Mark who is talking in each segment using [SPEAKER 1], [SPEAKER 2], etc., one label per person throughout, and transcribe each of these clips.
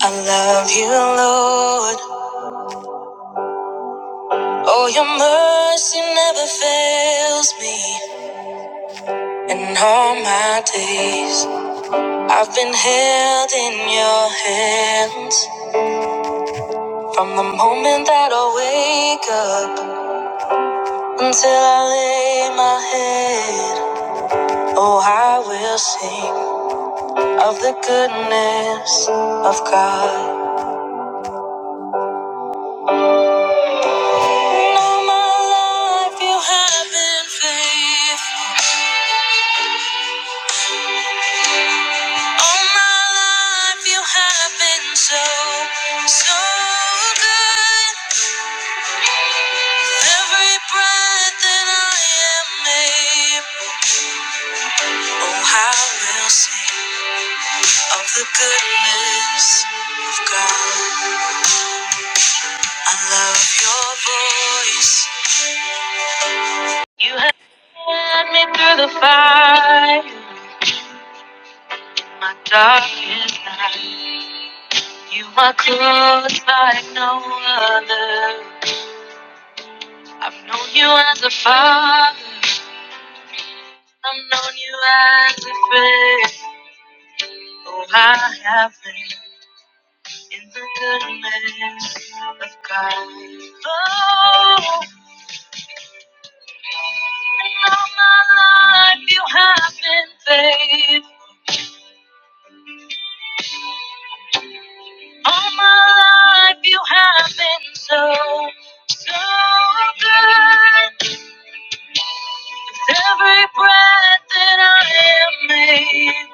[SPEAKER 1] I love you, Lord. Oh, your mercy never fails me. In all my days, I've been held in your hands. From the moment that I wake up until I lay my head, oh, I will sing of the goodness of God. In all my life, you have been faithful. All my life you have been so, so good. Every breath that I am made, oh how we will sing of the goodness of God. I love your voice. You have led me through the fire, my darkest night. You are close like no other. I've known you as a father. I've known you as a friend. Oh, I have been in the goodness of God. Oh, and all my life you have been faithful. All my life you have been so, so good. With every breath that I am made,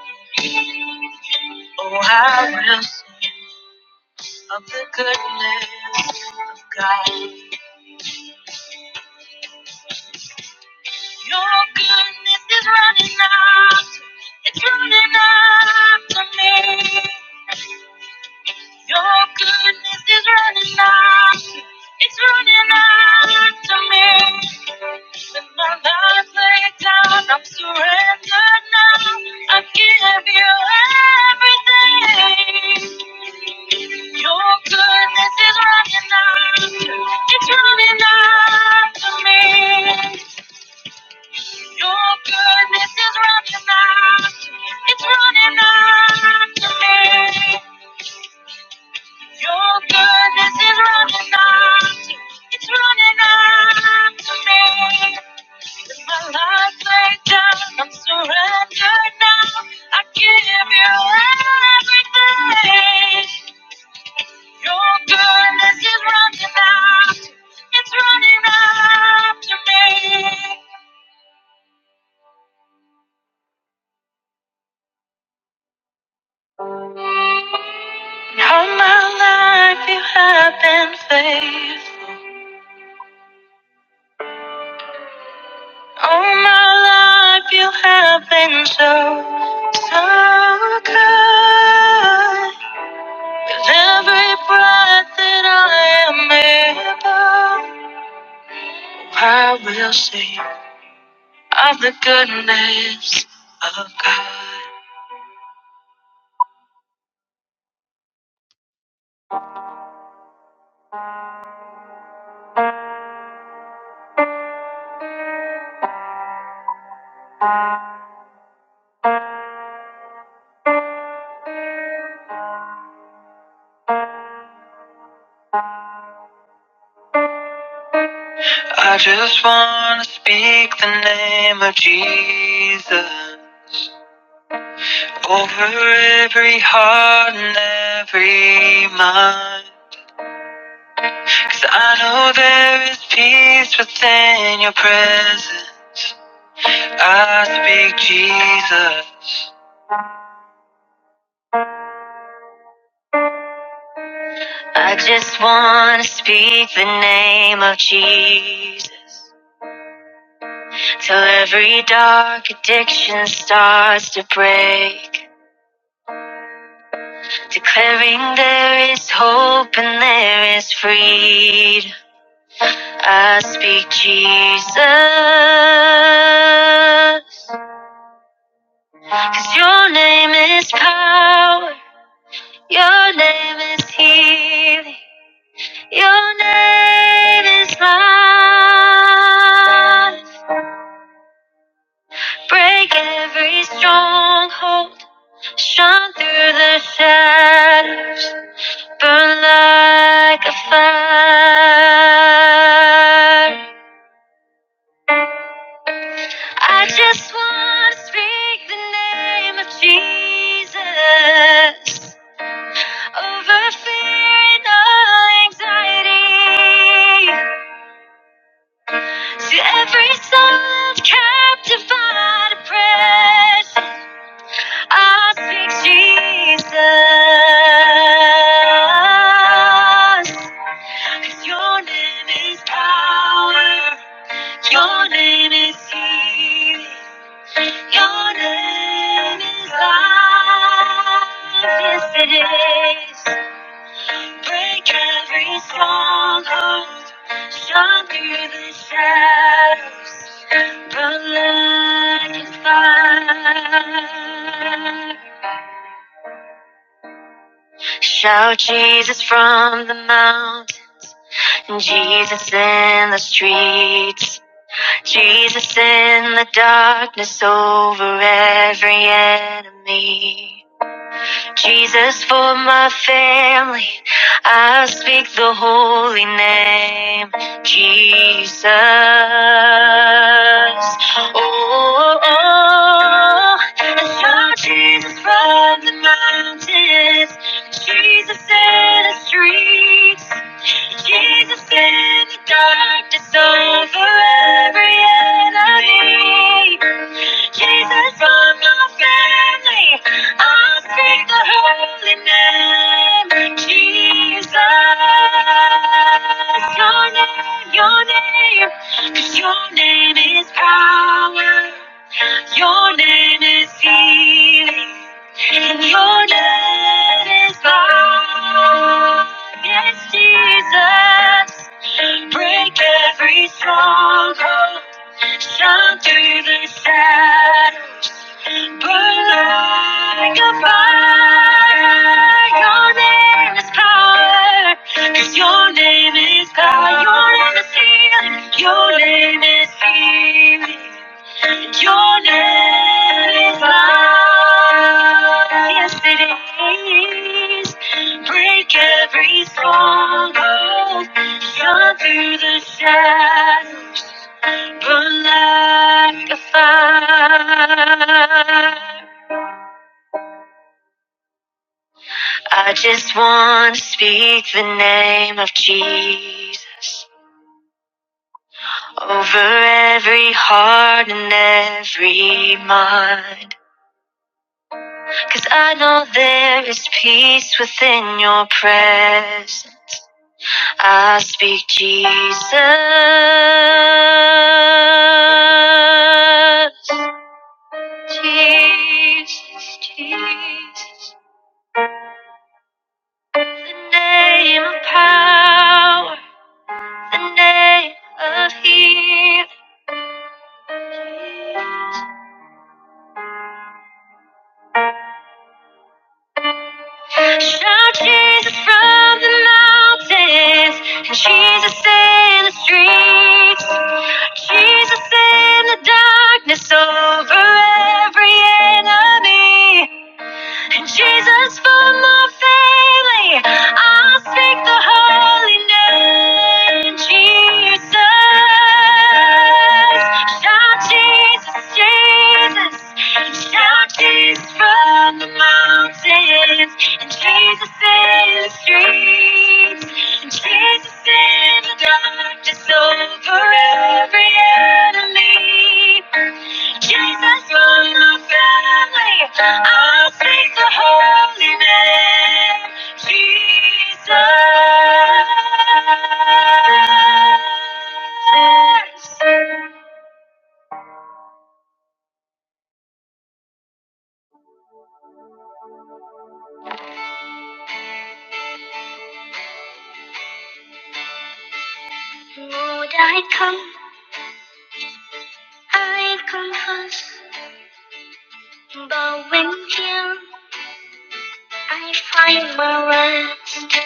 [SPEAKER 1] oh, I will sing of the goodness of God. Your goodness is running out. It's running out to me. Your goodness is running out. It's running out to me. When my life lay down, I'm surrendered now. I give you everything. Your goodness is running out. It's running out to me. Your goodness is running out. It's running out to me. Your goodness is running out. It's running out to me. With my life laid down, I'm surrendered now. I give you everything. Your goodness is running out. It's running out to me. All my life you have been faithful. All my life you have been so, so good. With every breath that I am able, I will sing of the goodness of God. I just want to speak the name of Jesus over every heart and every mind. Cause I know there is peace within your presence. I speak Jesus. I just wanna speak the name of Jesus. Till every dark addiction starts to break. Declaring there is hope and there is freedom. I speak Jesus. 'Cause your name is power. Your name is healing. Your name is life. Break every stronghold. Shine through the shadows. Burn like a fire. I just want to speak the name of Jesus over fear and all anxiety. To every soul captivated by the precious, I speak Jesus. 'Cause your name is power, your name is healing, your name is life. Yes, it is. Break every stronghold, shine through the shadows, burn like a fire. Shout Jesus from the mount, Jesus in the streets, Jesus in the darkness over every enemy. Jesus, for my family, I speak the holy name, Jesus. Oh, oh, oh. I saw Jesus from the mountains, Jesus in the streets. Jesus in the darkness over every enemy. Jesus from my family, I'll speak the holy name. Jesus, your name, your name, 'cause your name is power. Your name is healing. And your name is love. Yes, Jesus. Break every stronghold. Shine through the shadows. Burn like a fire. Your name is power, 'cause your name is God. Your name is healing. Your name is healing. Your name is love. Yes, it is. Break every stronghold. Shine through the shadows. Burn like a fire. I just want to speak the name of Jesus over every heart and every mind. Cause I know there is peace within your presence. I speak Jesus. Jesus, Jesus. The name of power, the name of healing. Jesus. Shout Jesus from the mountains, and Jesus in the streets, Jesus in the darkness over every enemy. And Jesus for my family, I'll speak the holy name. Jesus, shout Jesus, Jesus, and shout Jesus from the mountains, and Jesus in the streets, and Jesus in the darkness over every enemy. Jesus, you're my family. I'll praise the holy name. Jesus. Lord, I come, I confess, bowing down, I find my rest.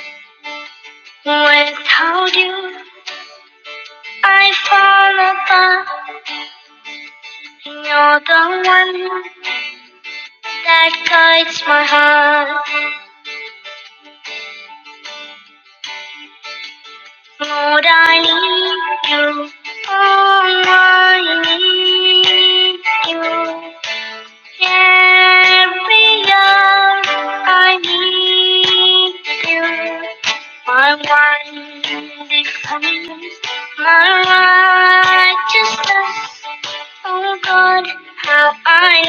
[SPEAKER 1] Without you, I fall apart. You're the one that guides my heart. Lord, I need you. Oh, I need you. Every hour I need you. My one defense, my righteousness. Oh God, how I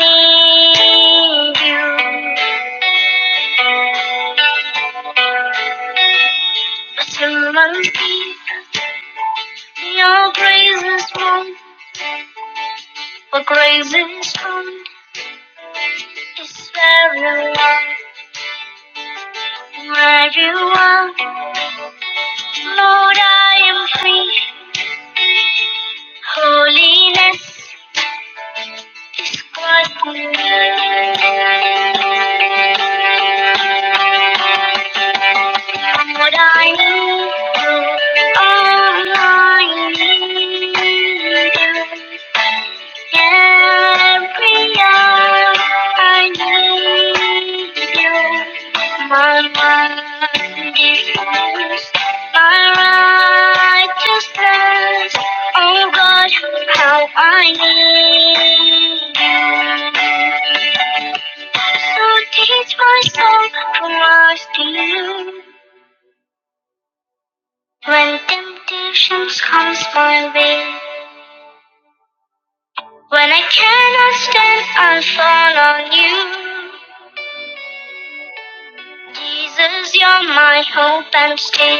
[SPEAKER 1] need you. Through my feet. Your grace is strong, for grace is strong, it's very long. Where you are, Lord, I am free. Holiness, what what I need, all I need. Every hour I need you. My mind is lost. My righteousness. Oh God, how I need you. So teach my soul to master you. When temptations comes my way, when I cannot stand, I fall on you. Jesus, you're my hope and stay.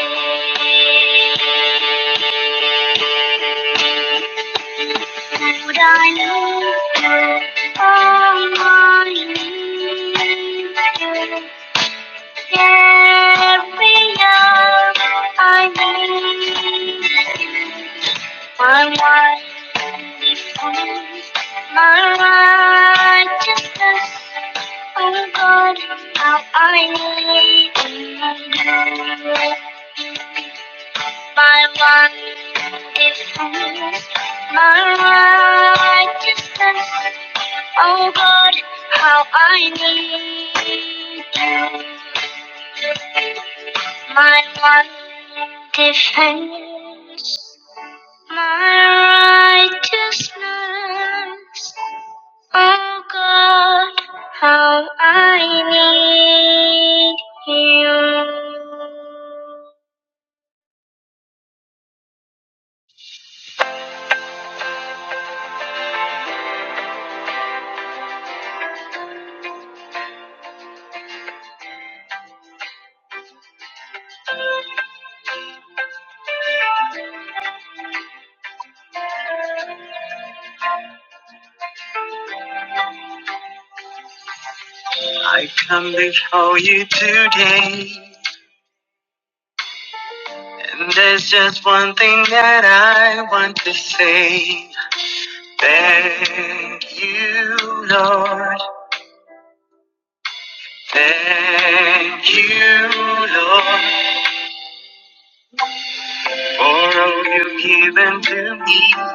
[SPEAKER 1] Would I lift all my needs Every up I need? you. My life becomes my righteousness. Oh God, how I need you. My life becomes my righteousness. Oh God, how I need you. My one defense. My righteousness, oh God, how I need you. I come before you today, and there's just one thing that I want to say. Thank you, Lord. Thank you, Lord, for all you've given to me.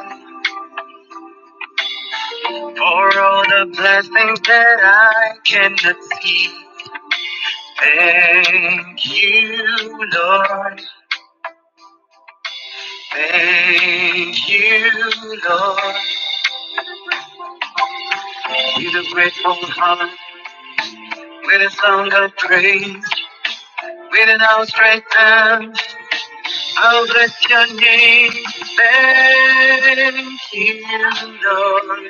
[SPEAKER 1] For all the blessings that I cannot see. Thank you, Lord. Thank you, Lord. With a grateful heart, with a song of praise, with an outstretched hand, I'll bless your name. Thank you, Lord.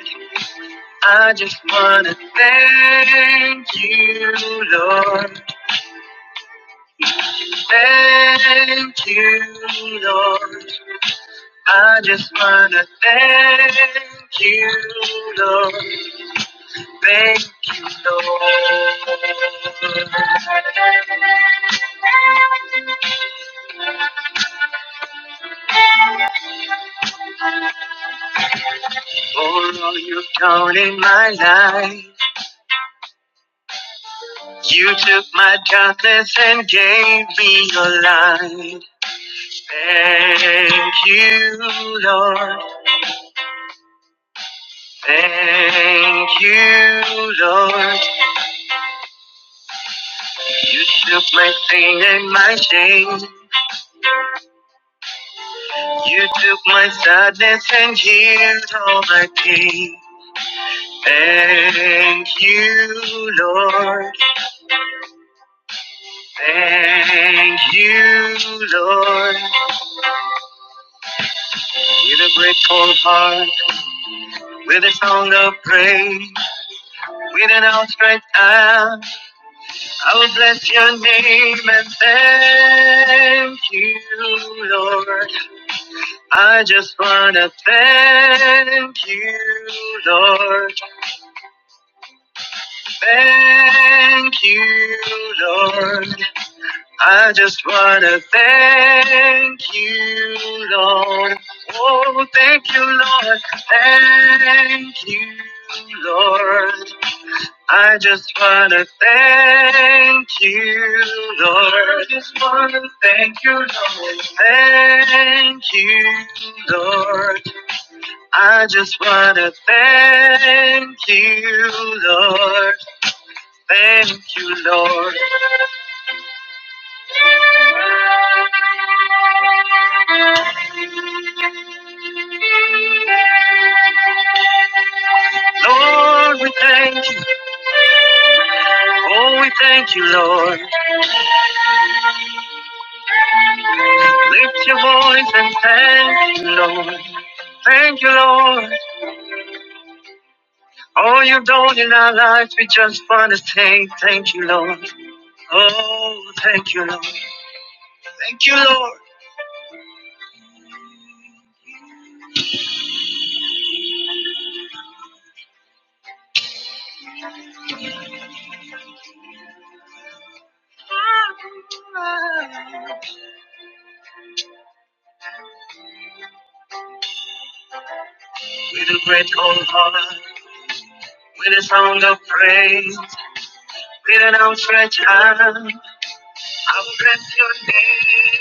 [SPEAKER 1] I just wanna thank you, Lord. Thank you, Lord. I just wanna thank you, Lord. Thank you, Lord. For all you've done in my life, you took my darkness and gave me your light. Thank you, Lord. Thank you, Lord. You took my pain and my shame. You took my sadness and healed all my pain. Thank you, Lord. Thank you, Lord. With a grateful heart, with a song of praise, with an outstretched hand. I will bless your name and thank you, Lord. I just wanna thank you, Lord. Thank you, Lord. I just wanna thank you, Lord. Oh, thank you, Lord. Thank you, Lord. I just wanna thank you, Lord. I just wanna thank you, Lord. Thank you, Lord. I just wanna thank you, Lord. Thank you, Lord. Lord, we thank you. Oh, we thank you, Lord. Lift your voice and thank you, Lord. Thank you, Lord. All you've done in our lives, we just want to say thank you, Lord. Oh, thank you, Lord. Thank you, Lord. with a grateful heart, with a sound of praise, with an outstretched hand, I'll bless your name.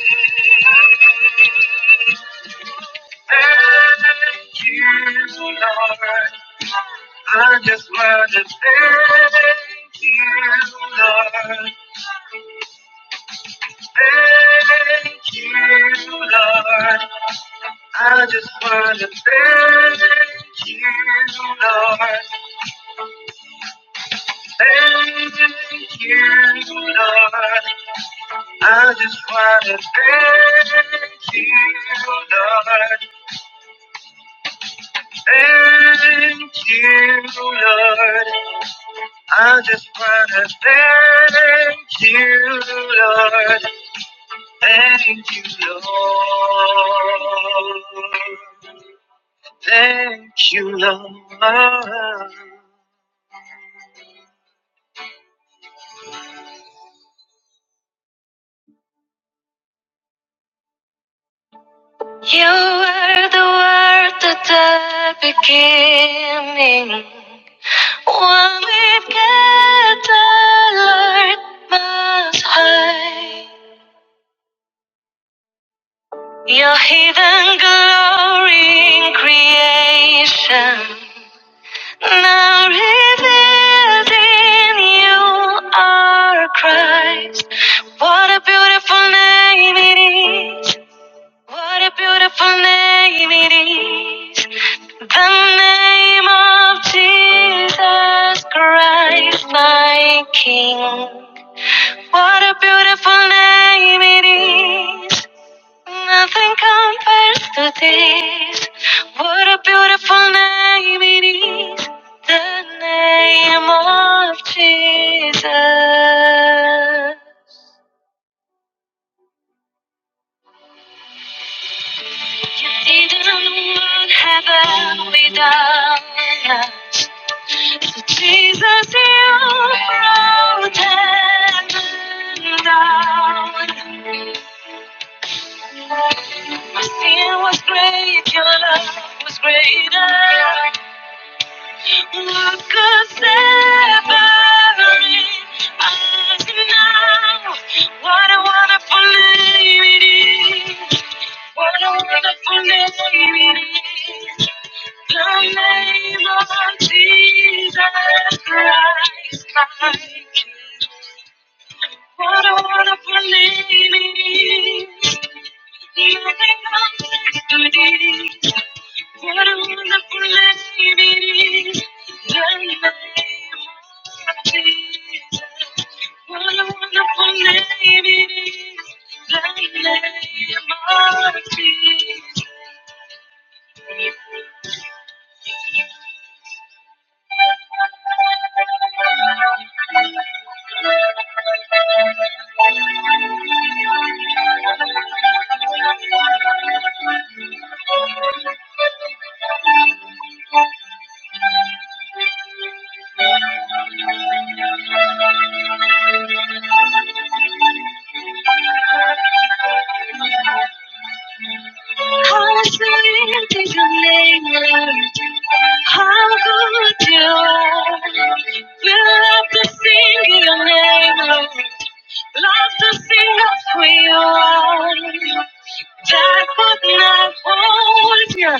[SPEAKER 1] Thank you, Lord. I just want to thank you, Lord. Thank you, Lord. I just want to thank you, Lord. Thank you, Lord. I just want to thank you, Lord. Thank you, Lord. I just want to thank you, Lord. Thank you, Lord. Thank you, Lord. You were the word at the beginning. One with God, the Lord Most High. Your hidden glory in creation. Now revealed in you are Christ. What a beautiful name it is. What a beautiful name it is. The name of Jesus Christ, my King. What a beautiful name it is. Nothing compares to this. What a beautiful name it is. The name of Jesus. Didn't have a without So Jesus, you wrote heaven down. My sin was great, your love was greater. What could separate us now? What a wonderful name it is. What a wonderful name it is. The name of Jesus Christ, my King. What a wonderful name it is. Nothing else could it. What a wonderful name it is. The name of Jesus. What a wonderful name it is. The name of Jesus. How sweet is your name, Lord. How good you are. We love to sing your name, Lord. Love to sing of who you are. That could not hold you.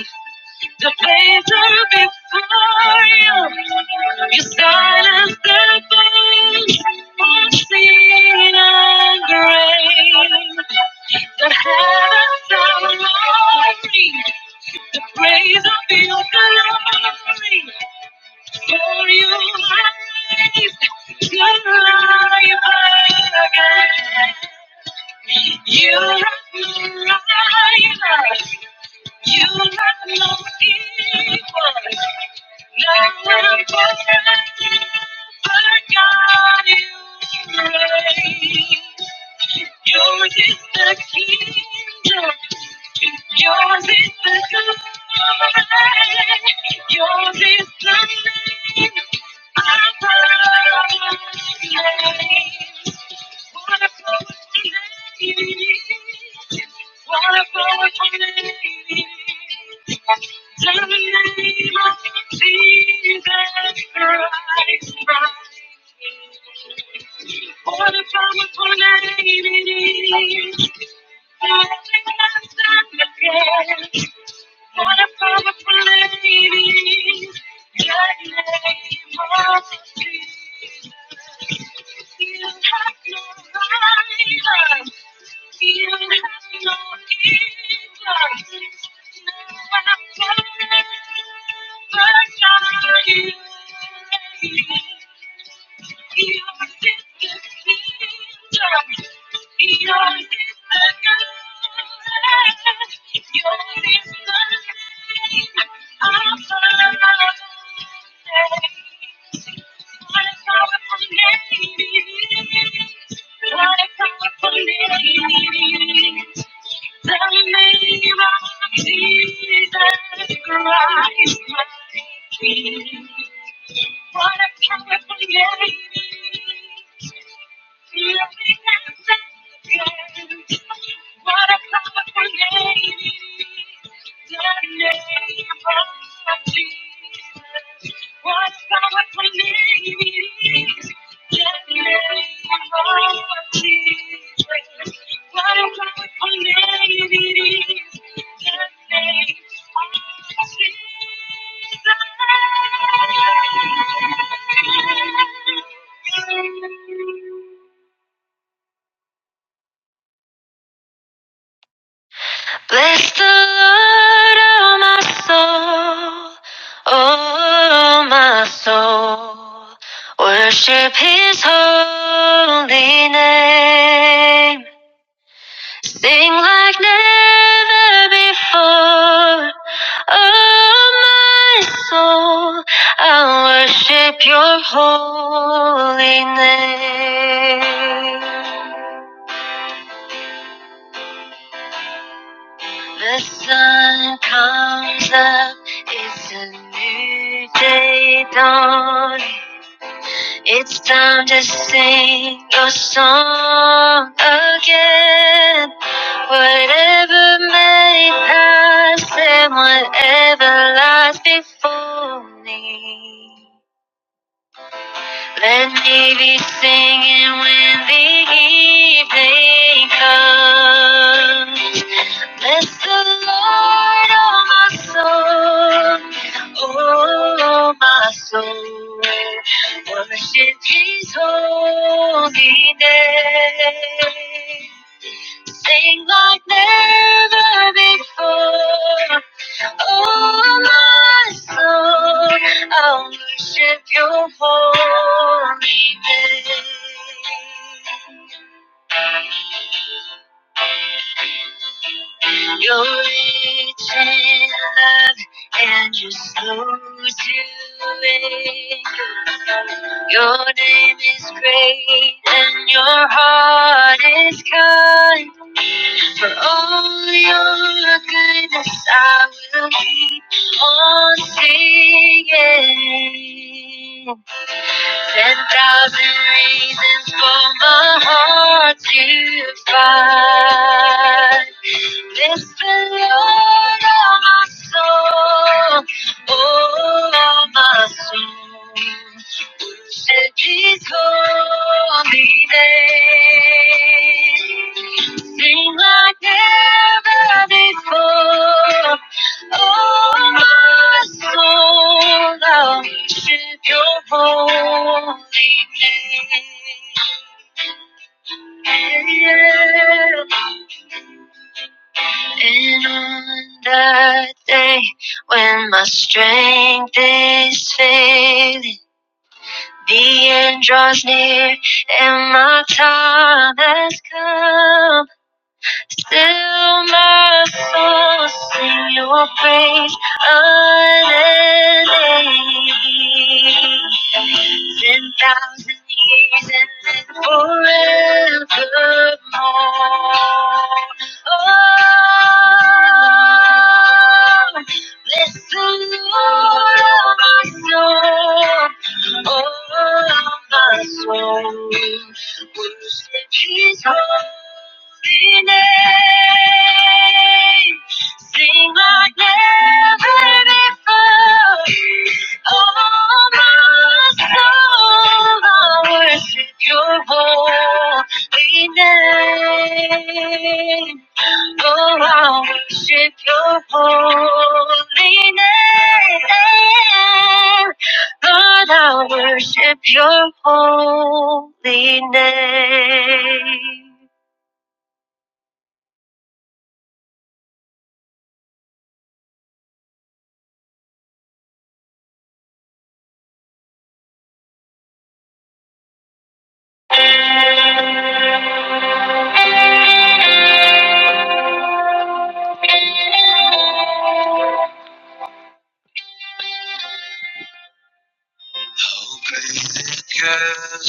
[SPEAKER 1] The pains are before you. You silence the voice unseen and great. The heavens are alive. Jesus. Bless the Lord, oh my soul, oh my soul. Worship his holy name. Sing like never before, oh my soul. I will worship your holy name. The sun comes up, it's a new day dawning. It's time to sing your song again. Whatever may pass and whatever lies before me. Let me be singing when the evening comes. Bless the Lord, oh my soul, oh my soul. Worship His holy name. Sing like never before. Oh, my soul, I will worship your holy name. You're rich in love and you're slow to anger. Your name is great and your heart is kind. For all your goodness, I will keep on singing. Ten thousand reasons for my heart to find. Bless the Lord, oh my soul, oh my soul and his holy name. Sing like never before. Oh, my soul, I'll worship your holy name. And on that day when my strength is failing. The end draws near, and my time has come. Still, my soul sing your praise unending. Ten thousand years and then forevermore. Oh, my soul, I will my soul, we name. Oh, I worship your holy name. Lord, I worship your holy name. How great is God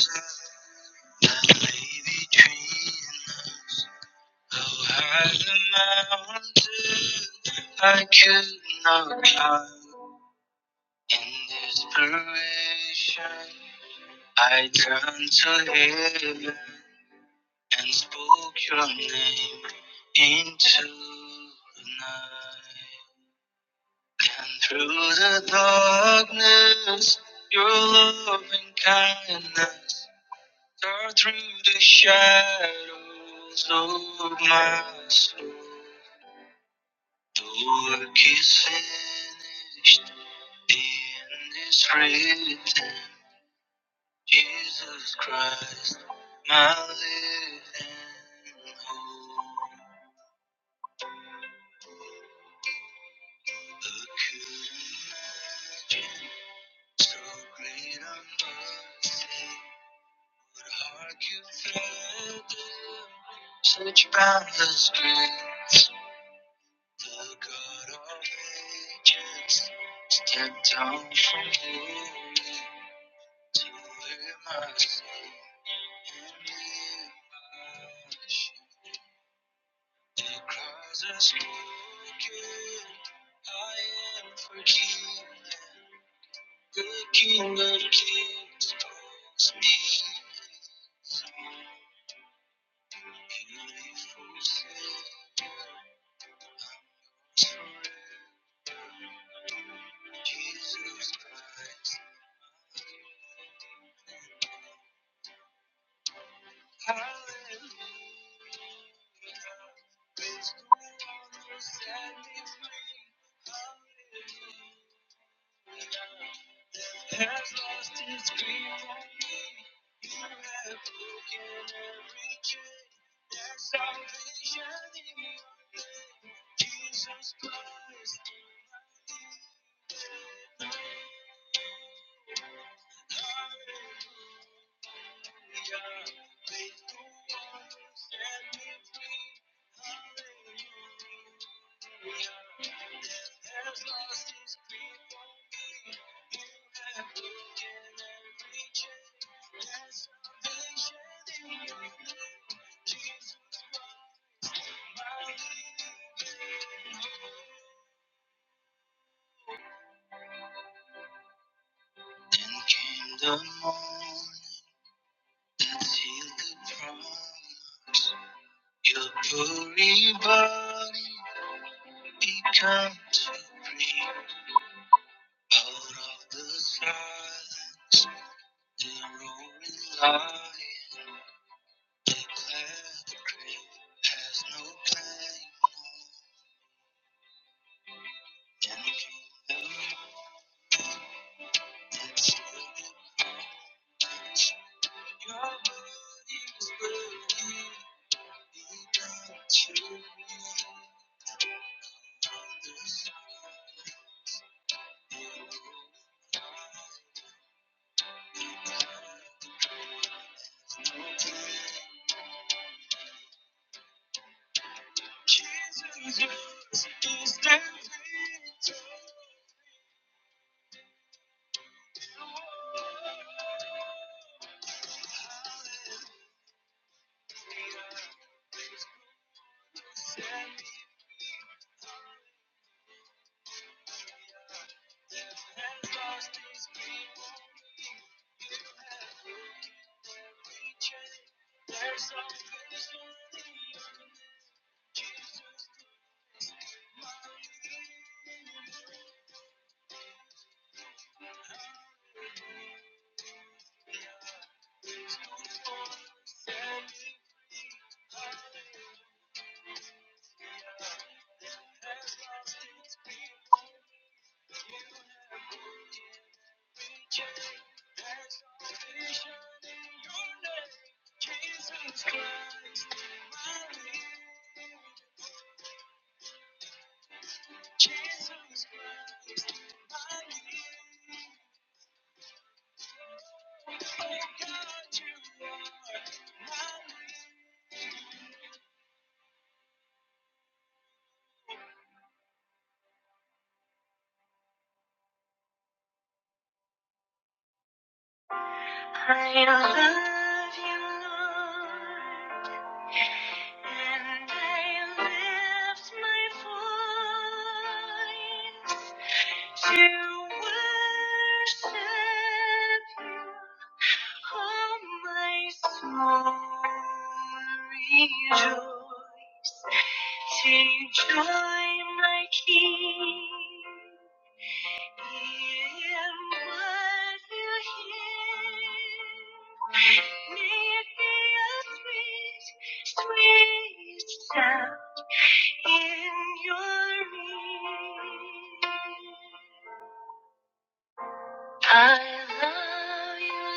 [SPEAKER 1] that lay between us. How high the mountain I could not climb. In desperation. I turned to heaven and spoke your name into the night. And through the darkness, your loving kindness tore through the shadows of my soul. The work is finished, the end is written. Jesus Christ, my living hope. Who could imagine so great a mercy would argue through such boundless grace? The God of ages stepped down from glory to wear my sin and be my shame. The cross has spoken. I am forgiven. The King of Kings calls me. Then came the morning that healed the problem. Your holy body become to breathe out of the silence. The roaring lion, the glad grave has no plan. I love you,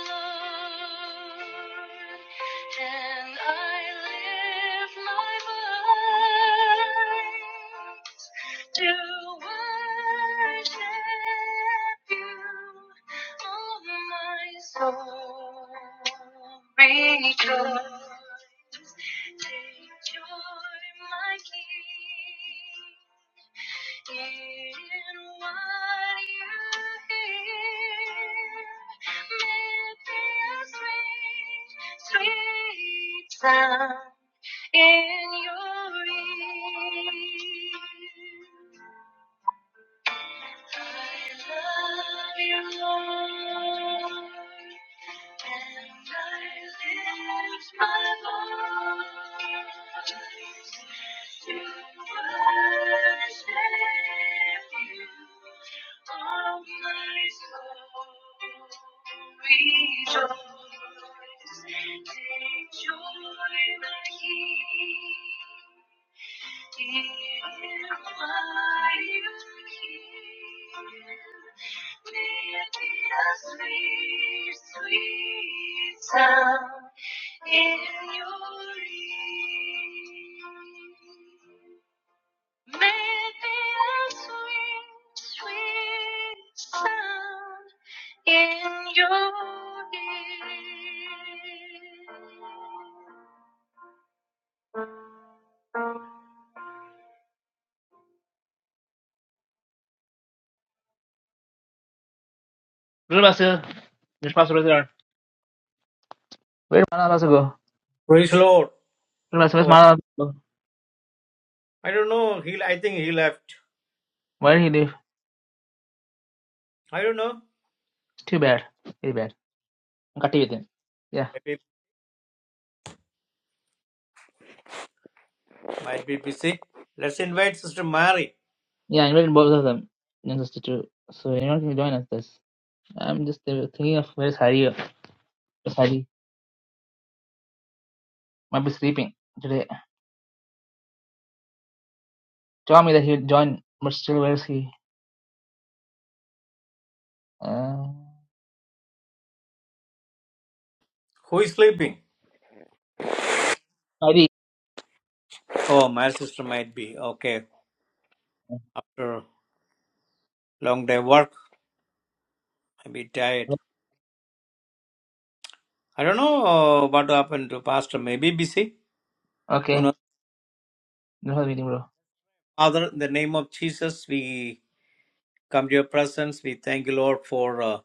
[SPEAKER 1] Lord, and I live my life. to worship you, oh my soul, rejoice, take joy. Little Basil, just pass over there. Where Mana Basu go?
[SPEAKER 2] Praise the Lord.
[SPEAKER 1] Little Basil, where's
[SPEAKER 2] Or-
[SPEAKER 1] Mana? Basu?
[SPEAKER 2] I don't know. He, I think he left.
[SPEAKER 1] Where did he live?
[SPEAKER 2] I don't know.
[SPEAKER 1] It's too bad. Very bad. I'm cutting with him. Yeah,
[SPEAKER 2] Maybe might be busy. Let's invite Sister Mary.
[SPEAKER 1] yeah, I invited both of them. Not just the two. So anyone can join us. This. I'm just uh, thinking of where's Hari. Where's Hari? Might be sleeping today. Told me that he would join, but still, where's he? Uh,
[SPEAKER 2] Who is sleeping?
[SPEAKER 1] Heidi.
[SPEAKER 2] Oh, my sister might be okay after long day work. Maybe tired. I don't know uh, what happened to Pastor. Maybe busy. Who
[SPEAKER 1] Okay,
[SPEAKER 2] knows?
[SPEAKER 1] no whole meeting, bro.
[SPEAKER 2] Father, in the name of Jesus, we come to your presence. We thank you, Lord, for uh,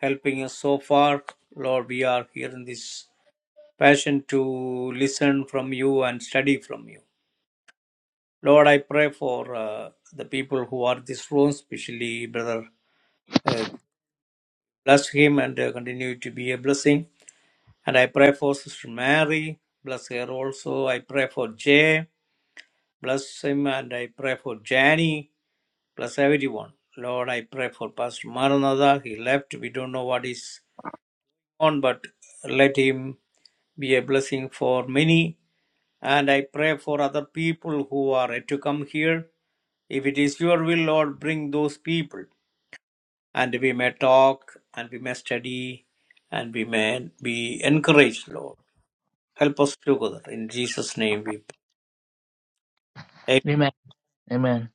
[SPEAKER 2] helping us so far. Lord, we are here in this passion to listen from you and study from you. Lord, I pray for uh, the people who are in this room, especially Brother. Uh, bless him and uh, continue to be a blessing. And I pray for Sister Mary. Bless her also. I pray for Jay. Bless him and I pray for Janie. Bless everyone. Lord, I pray for Pastor Maranatha. He left. We don't know what is on, but let him be a blessing for many. And I pray for other people who are yet to come here. If it is your will, Lord, bring those people. and we may talk and we may study and we may be encouraged, Lord. Help us together. In Jesus' name we pray. Amen.
[SPEAKER 1] Amen. Amen.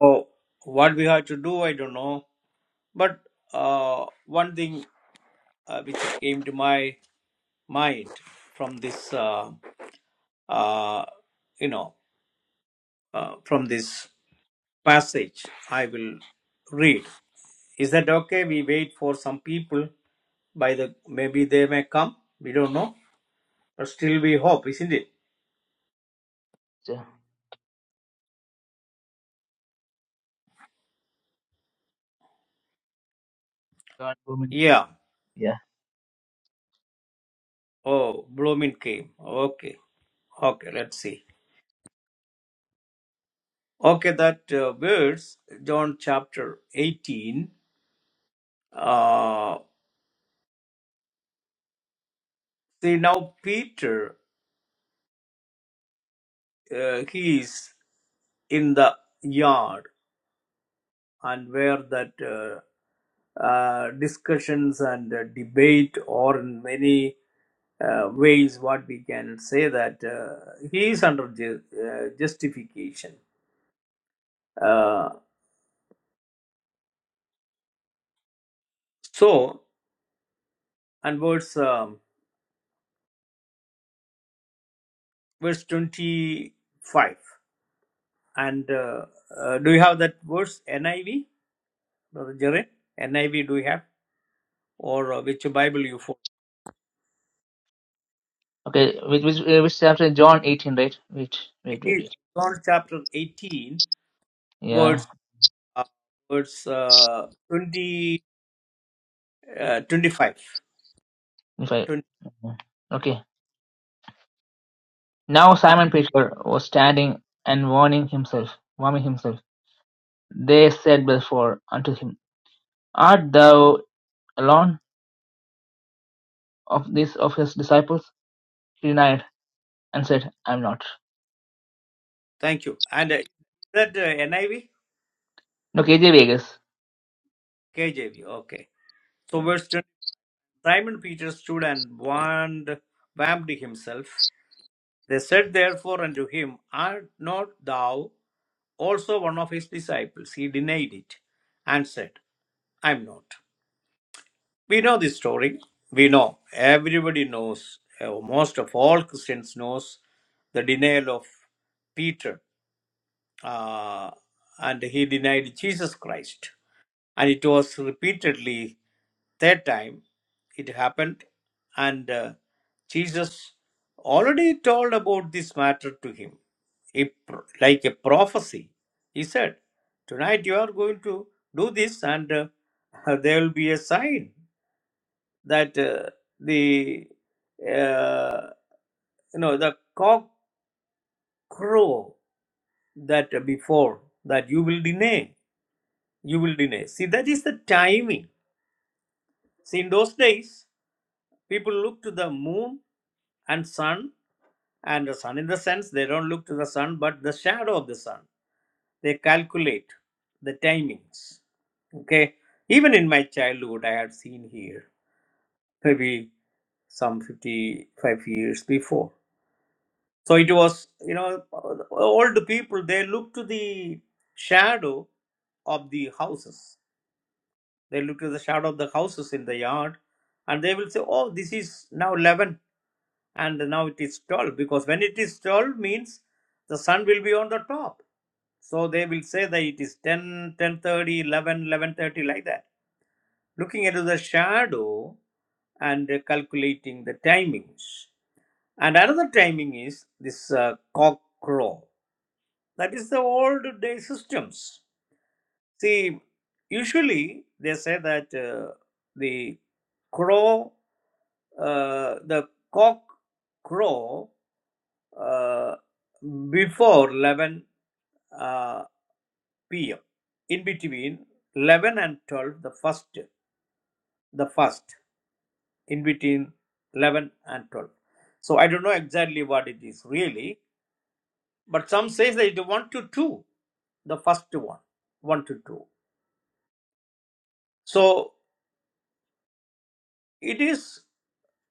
[SPEAKER 2] So what we have to do, I don't know. But uh, one thing uh, which came to my mind from this, uh, uh, you know, uh, from this passage, I will read. Is that okay? We wait for some people. By the maybe they may come. We don't know, but still we hope, isn't it?
[SPEAKER 1] So, John Roman.
[SPEAKER 2] Yeah.
[SPEAKER 1] Yeah.
[SPEAKER 2] Oh, Blooming came. Okay. Okay, let's see. Okay, that uh, verse, John chapter 18. Uh, see, now Peter, uh, he is in the yard and where that uh, uh, discussions and uh, debate, or in many uh, ways, what we can say that uh, he is under ju- uh, justification. Uh, so, and verse, um, verse 25. And uh, uh, do you have that verse NIV, Brother Jared? NIV, do you have? Or uh, which Bible you follow?
[SPEAKER 1] Okay, which which uh, which chapter? John eighteen, right? Wait, wait, wait,
[SPEAKER 2] Eh,
[SPEAKER 1] wait.
[SPEAKER 2] John chapter 18,
[SPEAKER 1] Yeah.
[SPEAKER 2] verse, uh, verse uh, 20, uh, 25.
[SPEAKER 1] If I.
[SPEAKER 2] 20,
[SPEAKER 1] Okay. Now
[SPEAKER 2] ah,
[SPEAKER 1] Simon Peter was standing and warming himself, warming himself. They said before unto him, Art thou alone of these of his disciples? He denied and said, I am not.
[SPEAKER 2] thank you. And uh, is that uh, NIV?
[SPEAKER 1] No, KJ Vegas.
[SPEAKER 2] KJV, okay. So verse 20, Simon Peter stood and warned, warmed himself. They said therefore unto him, Art not thou also one of his disciples? He denied it and said. I'm not. We know this story. We know. Everybody knows. uh, most of all Christians knows the denial of Peter, uh, and he denied Jesus Christ. And it was repeatedly third time it happened, and uh, Jesus already told about this matter to him, a, like a prophecy. He said, "Tonight you are going to do this, and uh, there will be a sign." that uh, the uh, you know the cock crow that before that you will deny you will deny see that is the timing see in those days people look to the moon and sun and the sun in the sense they don't look to the sun but the shadow of the sun they calculate the timings okay even in my childhood i had seen here maybe some 55 years before So it was, you know, old people, they look to the shadow of the houses. They look to the shadow of the houses in the yard and they will say, oh, this is now 11 and now it is 12 because when it is 12 means the sun will be on the top. So they will say that it is ten, ten thirty, eleven, eleven thirty, like that. Looking into the shadow and uh, calculating the timings. And another timing is this uh, cock crow. That is the old day systems. See, usually they say that uh, the crow, uh, the cock crow uh, before 11 uh, p.m. In between 11 and 12, the first, the first in between 11 and 12. So I don't know exactly what it is really, but some says that it is 1 to 2. the first one, 1 to 2. So it is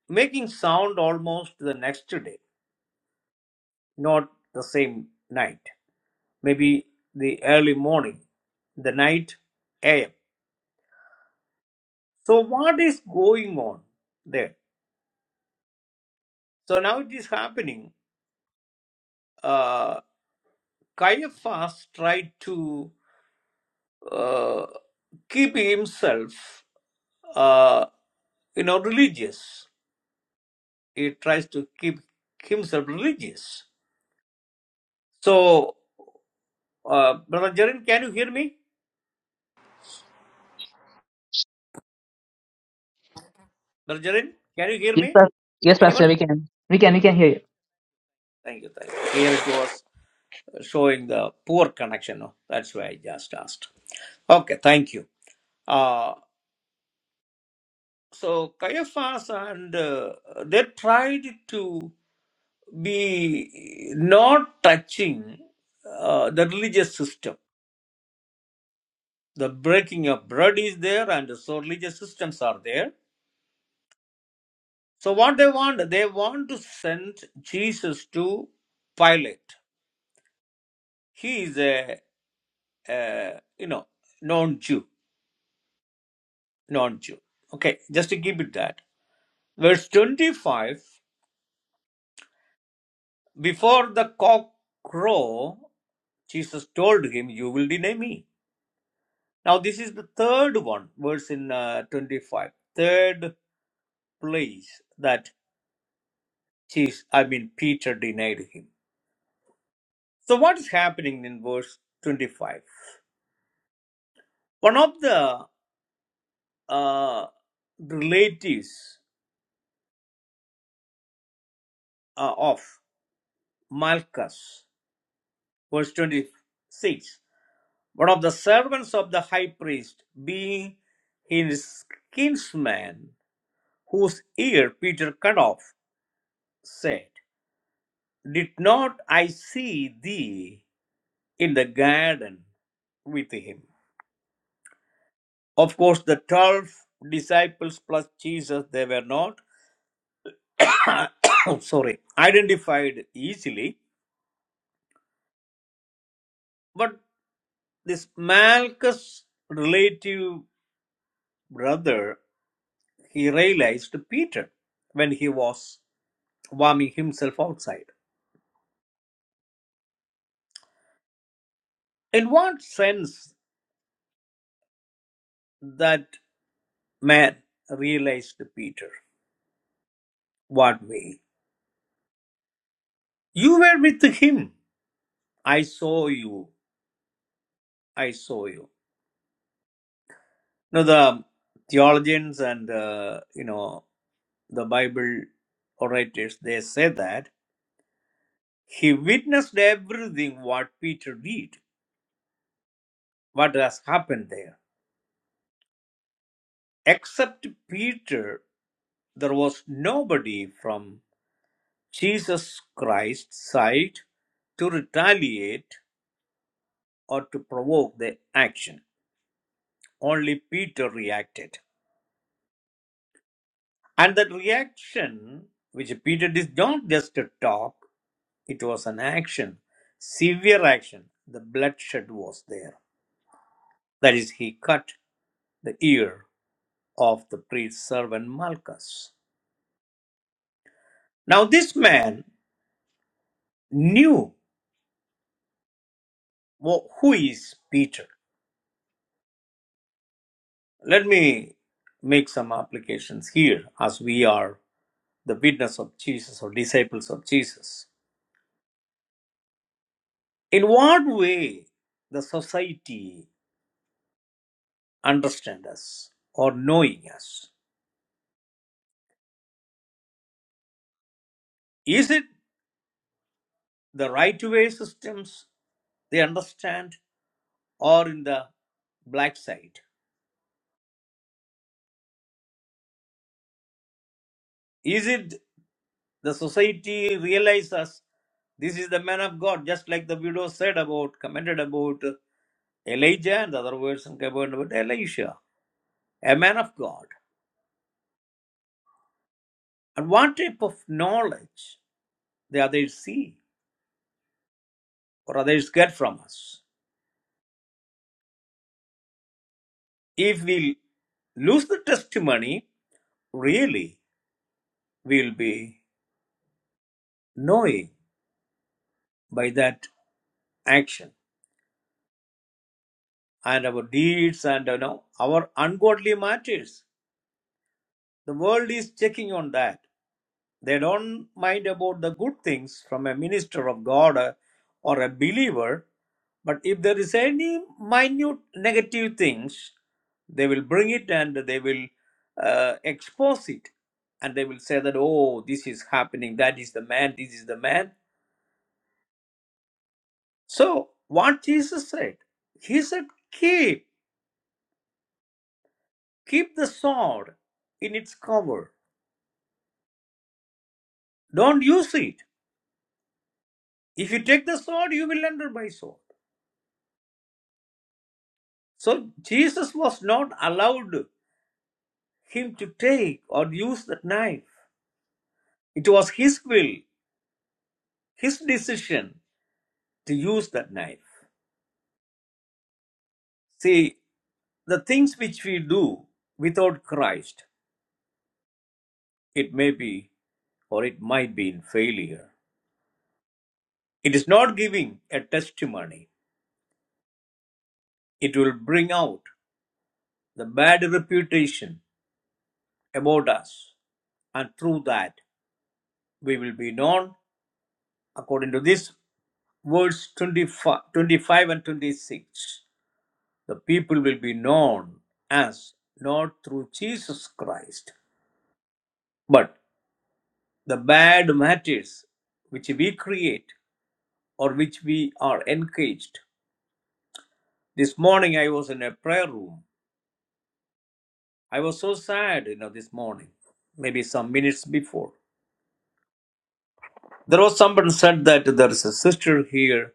[SPEAKER 2] making sound almost the next day, not the same night, maybe the early morning, the night AM. So what is going on there? So now it is happening. Uh, Caiaphas tried to uh, keep himself, uh, you know, religious. He tries to keep himself religious. So Uh, Brother Jarin, can you hear me? Brother Jarin, can you hear
[SPEAKER 1] Yes,
[SPEAKER 2] me?
[SPEAKER 1] Pas- yes,
[SPEAKER 2] Anyone?
[SPEAKER 1] Pastor, we can. We can, we can hear you.
[SPEAKER 2] Thank you. Thank you. Here it was uh, showing the poor connection. no? That's why I just asked. Okay, thank you. Uh, so Caiaphas and uh, they tried to be not touching uh, the religious system. The breaking of bread is there, and so religious systems are there. So what they want, they want to send Jesus to Pilate he is a, uh, you know, non Jew, non Jew. Okay, just to give it that. Verse 25 Before the cock crow, Jesus told him, You will deny me. Now, this is the third one, verse in uh, 25, third place that Jesus, I mean, Peter denied him. So, what is happening in verse 25? One of the uh, relatives uh, of Malchus, verse 26. One of the servants of the high priest, being his kinsman, whose ear Peter cut off, said, Did not I see thee in the garden with him? Of course, the 12 disciples plus Jesus, they were not, oh, sorry, identified easily. But this Malchus relative brother, he realized Peter when he was warming himself outside. In what sense that man realized Peter? What way? You were with him. I saw you. I saw you. Now the theologians and uh, you know the Bible orators they say that he witnessed everything what Peter did, what has happened there. Except Peter, there was nobody from Jesus Christ's side to retaliate or to provoke the action. Only Peter reacted. And that reaction, which Peter did not just talk, it was an action, severe action. The bloodshed was there. That is, he cut the ear of the priest's servant Malchus. Now, this man knew wh- who is Peter. Let me make some applications here as we are the witness of Jesus or disciples of Jesus. In what way the society understand us or knowing us? Is it the right way systems they understand or in the black side? Is it the society realize us this is the man of God, just like the widow said about, commented about Elijah and the other version commented about Elisha, a man of God. And what type of knowledge the others see or others get from us? If we lose the testimony, really we'll be knowing by that action and our deeds and you know, our ungodly matters. The world is checking on that. They don't mind about the good things from a minister of God uh, or a believer But if there is any minute negative things, they will bring it and they will uh, expose it. And they will say that, oh, this is happening, that is the man, this is the man. So, what Jesus said, He said, keep, keep the sword in its cover. Don't use it. If you take the sword, you will enter by sword. So, Jesus was not allowed him to take or use the knife. It was his will, his decision to use that knife. See, the things which we do without Christ, it may be or it might be in failure. It is not giving a testimony, it will bring out the bad reputation about us, and through that we will be known according to this verse 25, 25 and 26 the people will be known as not through jesus christ but the bad matters which we create or which we are engaged. This morning I was in a prayer room. I was so sad, you know, this morning, maybe some minutes before. There was someone said that there is a sister here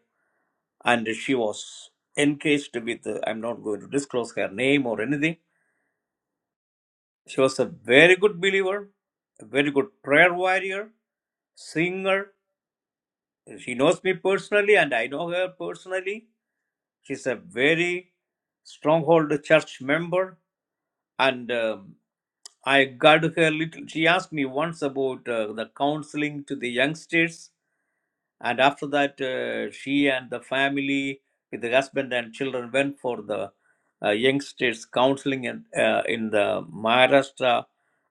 [SPEAKER 2] and she was engaged with, uh, I'm not going to disclose her name or anything. She was a very good believer, a very good prayer warrior, singer. She knows me personally and I know her personally She's a very stronghold church member, and um, I got her little. She asked me once about uh, the counseling to the youngsters, and after that, uh, she and the family, with the husband and children, went for the uh, youngsters counseling in, uh, in the Maharashtra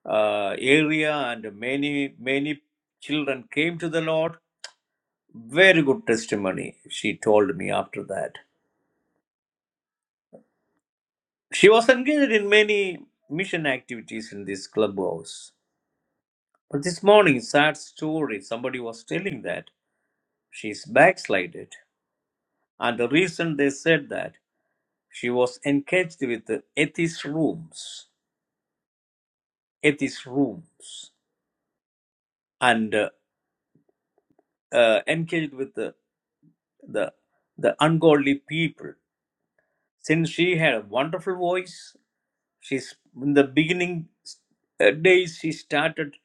[SPEAKER 2] uh, area, and many many children came to the Lord. Very good testimony, she told me after that. She was engaged in many mission activities in this clubhouse. But this morning, sad story, somebody was telling that she's backslided. And the reason they said that, she was engaged with the atheist rooms, atheist rooms, and uh, uh, engaged with the, the, the ungodly people. Since she had a wonderful voice, she's in the beginning uh, days, she started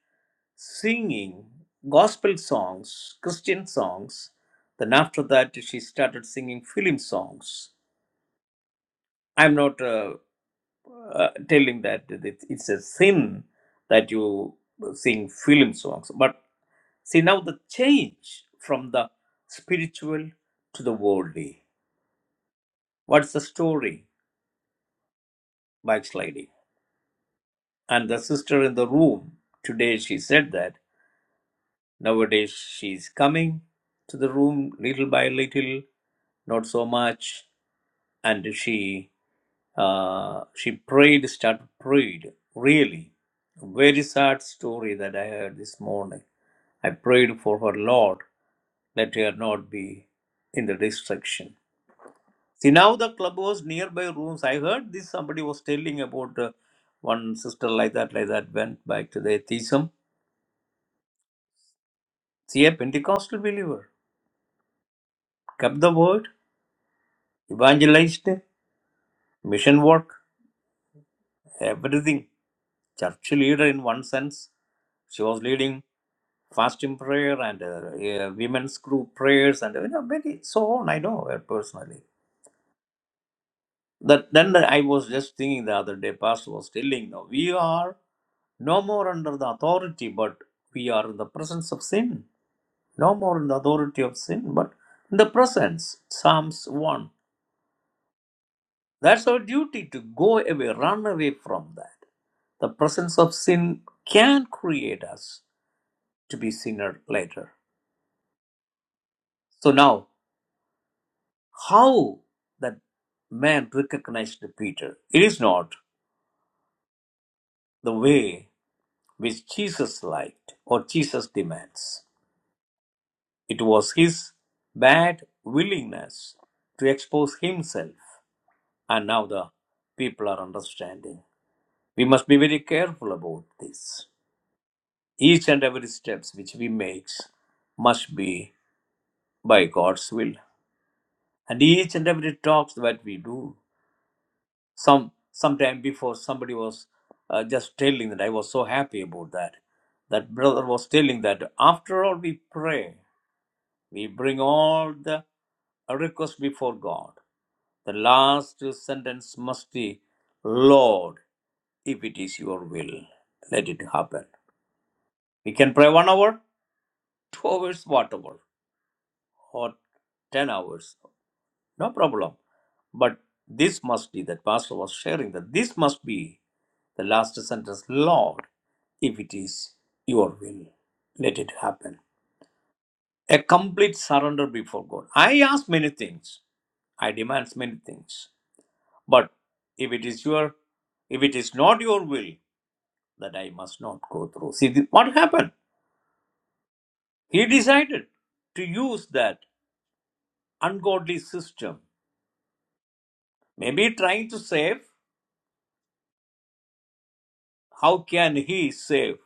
[SPEAKER 2] singing gospel songs, Christian songs. Then after that, she started singing film songs. I'm not uh, uh, telling that it- it's a sin that you sing film songs, but see now the change from the spiritual to the worldly. What's the story, backsliding? And the sister in the room today, she said that. Nowadays, she is coming to the room little by little, not so much. And she uh, she prayed, started prayed. Really, very sad story that I heard this morning. I prayed for her Lord that her not be in the destruction. See now the clubhouse nearby rooms. I heard this somebody was telling about uh, one sister like that, like that went back to the atheism. See a Pentecostal believer kept the word evangelized, mission work, everything. Church leader in one sense. She was leading fasting prayer and uh, uh, women's group prayers and you know, many, so on. I know her personally. That then I was just thinking the other day. Pastor was telling, now we are no more under the authority, but we are in the presence of sin. No more in the authority of sin, but in the presence. Psalms one. That's our duty to go away, run away from that. the presence of sin can create us to be sinner later. So now, how that man recognized Peter? It is not the way which Jesus liked or Jesus demands. It was his bad willingness to expose himself, and now the people are understanding. We must be very careful about this. Each and every steps which we make must be by God's will. and each and every talks that we do some sometime before somebody was uh, just telling that i was so happy about that that brother was telling that after all we pray we bring all the requests before god the last sentence must be lord if it is your will let it happen we can pray one hour two hours whatever or ten hours No problem. But this must be, that pastor was sharing that this must be the last sentence Lord, if it is your will, let it happen. A complete surrender before God. I ask many things, I demand many things. But if it is your, if it is not your will, that I must not go through. See th- what happened? He decided to use that ungodly system. Maybe trying to save. How can he save?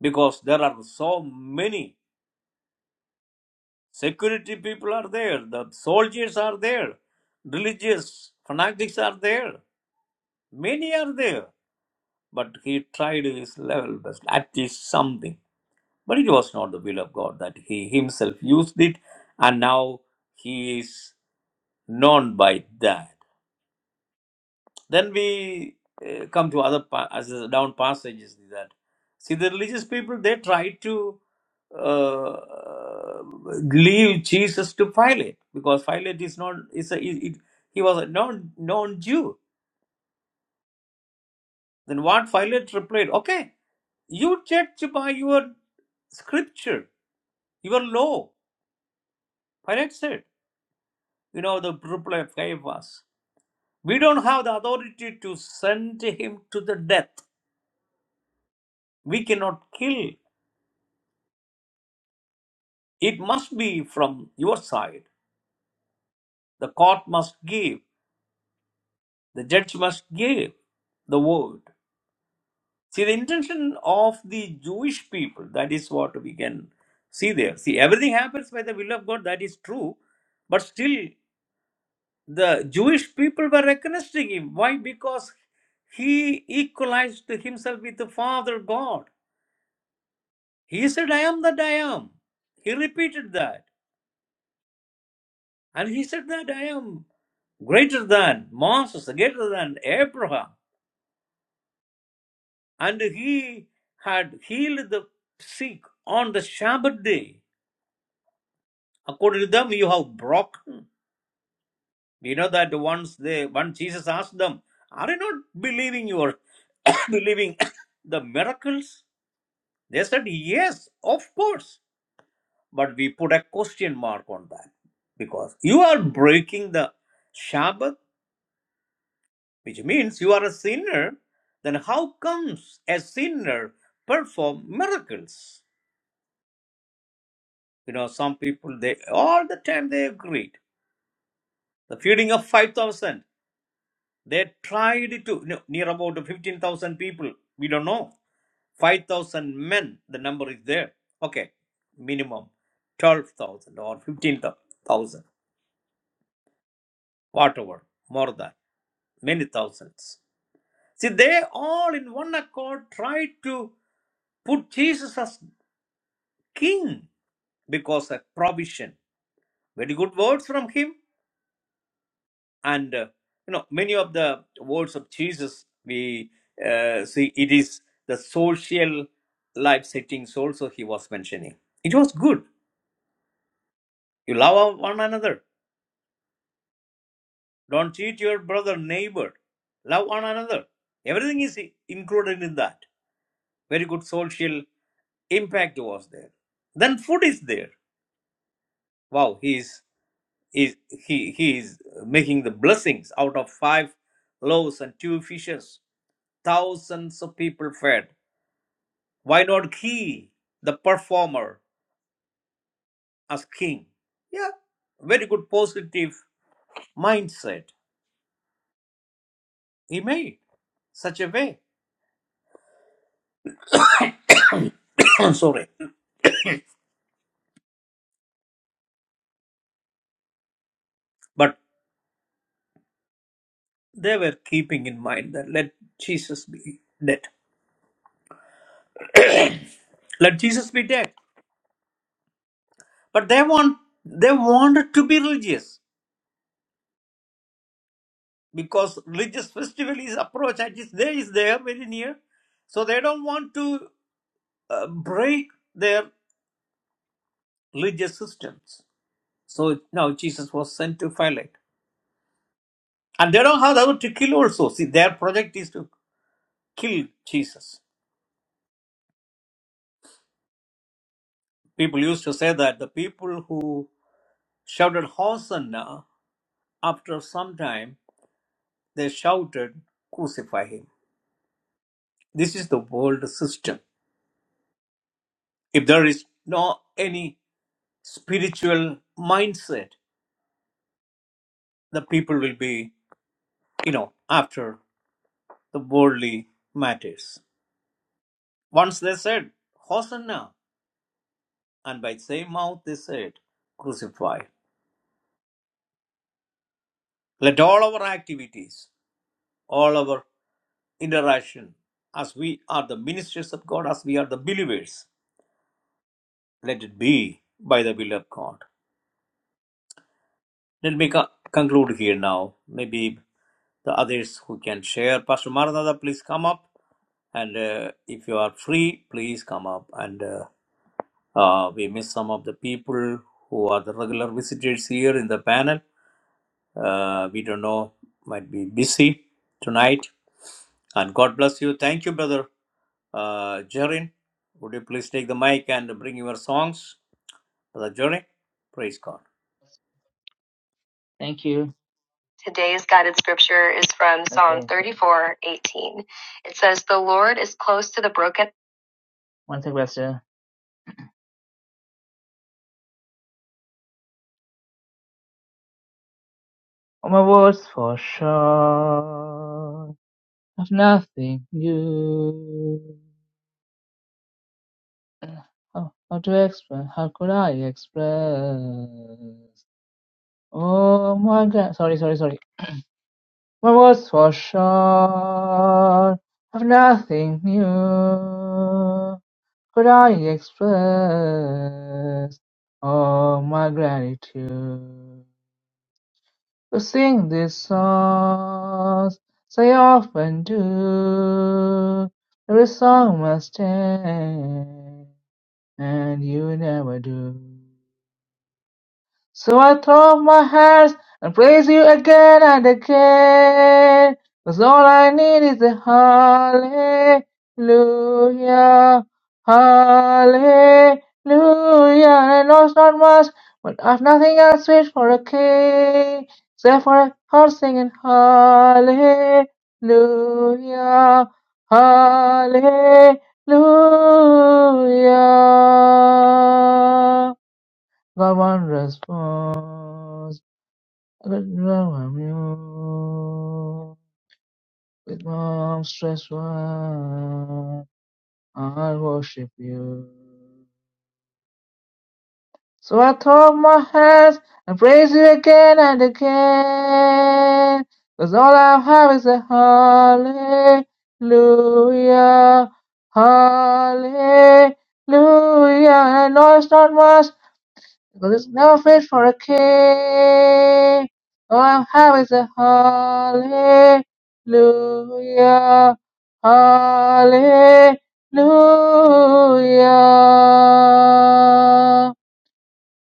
[SPEAKER 2] because there are so many security people are there the soldiers are there religious fanatics are there many are there but he tried his level best at least something but it was not the will of god that he himself used it and now he is known by that Then we uh, come to other pa- as the down passages that see the religious people they try to uh, leave Jesus to Pilate because Pilate is not is a, it, it- he was a non non Jew. Then what Pilate replied? Okay, you judge by your scripture, your law. Pilate said, you know the reply of Caiaphas. We don't have the authority to send him to the death. We cannot kill It must be from your side. The court must give, the judge must give the word. See, the intention of the Jewish people, that is what we can see there. See, everything happens by the will of God, that is true. But still, the Jewish people were recognizing him. Why? Because he equalized himself with the Father God. He said, I am that I am. He repeated that. And he said that I am greater than Moses, greater than Abraham. And he had healed the sick on the Sabbath day. According to them, you have broken. You know that once they, when Jesus asked them, "Are you not believing your believing the miracles?" They said, "Yes, of course." But we put a question mark on that because you are breaking the Sabbath which means you are a sinner, then how comes a sinner perform miracles? You know, some people they all the time they agreed. The feeding of five thousand, they tried to no, near about fifteen thousand people. We don't know five thousand men. The number is there. Okay, minimum twelve thousand or fifteen thousand, whatever, more than many thousands. See, they all in one accord tried to put Jesus as king because a provision. Very good words from him, and uh, you know many of the words of Jesus we uh, see it is the social life settings also he was mentioning. It was good. You love one another. Don't cheat your brother, neighbor. Love one another. Everything is included in that. Very good social impact was there. Then food is there Wow, he's is is he he is making the blessings out of five loaves and two fishes thousands of people fed why not he the performer as king yeah very good positive mindset he made such a way i'm sorry but they were keeping in mind that let jesus be dead let jesus be dead but they want they wanted to be religious because religious festival is approached and it's there is there very near so they don't want to uh, break their religious systems so now jesus was sent to philate and they don't have the power to kill also see their project is to kill jesus people used to say that the people who shouted hosanna after some time they shouted crucify him this is the world system if there is no any spiritual mindset the people will be, you know, after the worldly matters. Once they said, Hosanna, and by the same mouth they said, Crucify. Let all our activities, all our interaction, as we are the ministers of God, as we are the believers, let it be by the will of God. Let me co- conclude here now. Maybe the others who can share. Pastor Maranatha, please come up. And uh, if you are free, please come up. And uh, Uh, we miss some of the people who are the regular visitors here in the panel. Uh, we don't know, might be busy tonight. And God bless you. Thank you, brother uh, Jarin. Would you please take the mic and bring your songs, brother Jarin? Praise God.
[SPEAKER 1] Thank you. Today's guided scripture is from Psalm 34, 18. It says, The Lord is close to the broken. One second, Pastor. All my words for sure have nothing new. How, how to express? How could I express? Oh my God. Sorry, sorry, sorry. My words for sure have nothing new. Could I express all my gratitude? To sing these songs, as I often do. Every song must end, and you never do. So I throw up my hands and praise you again and again. Cause all I need is a hallelujah, hallelujah. I know it's not much, but I've nothing else fit for a king, except for a heart singing hallelujah, hallelujah. The one response, but now I'm you. With my stress, I worship you. So I throw up my hands and praise you again and again. Cause all I have is a hallelujah, hallelujah. And I know it's not much, God is no fit for a king. All I'm having is a hallelujah, hallelujah.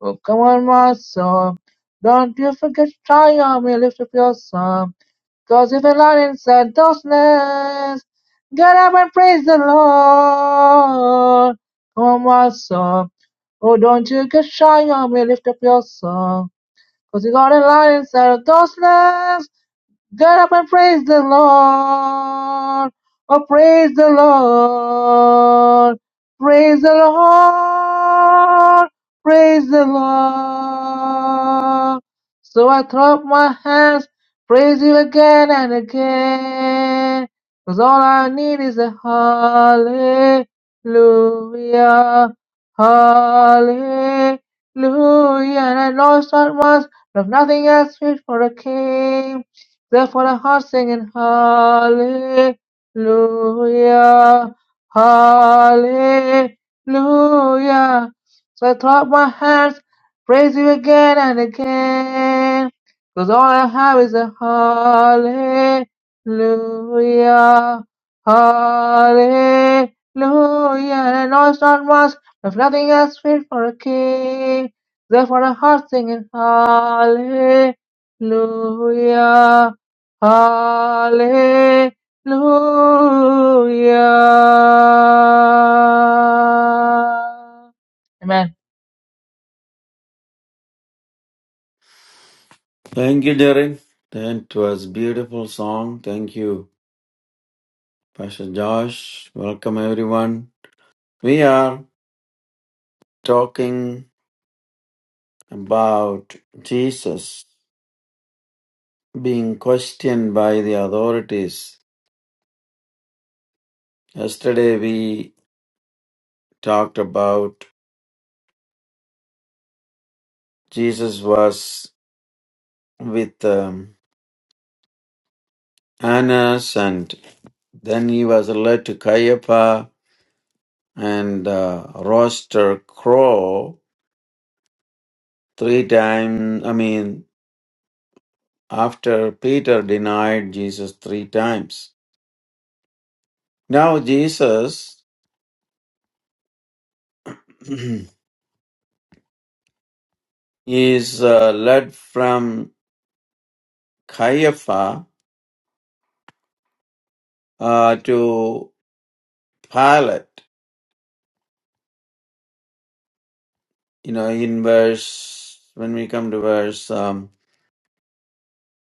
[SPEAKER 1] Oh, come on, my soul. Don't you forget to try on me, lift up your song. Cause with the Lord in Santosness, get up and praise the Lord. Come on, song. Oh, don't you get shy on me, lift up your songbecause Cause you got a lion in Santosness, Get up and praise the Lord. Oh, praise the Lord. Praise the Lord. Praise the Lord. So I throw up my hands, praise you again and again. Cause all I need is a hallelujah. Hallelujah. And I know it's not once, but nothing else fit for a king. Therefore, our heart sing Hallelujah, Hallelujah. So I throw up my hands, praise you again and again. Cause all I have is a Hallelujah, Hallelujah. And I know it's not much, if nothing else fit for a king. Therefore, our heart sing Hallelujah. Hallelujah. Amen.
[SPEAKER 3] Thank you, Derek. That was beautiful song. Thank you, Pastor Josh. Welcome everyone. We are talking about Jesus being questioned by the authorities. Yesterday we talked about Jesus was with um, Annas and then he was led to Caiaphas and uh, roaster crow three times. I mean. after Peter denied Jesus three times. Now Jesus is uh, led from Caiapha uh, to Pilate. You know, in verse, when we come to verse um,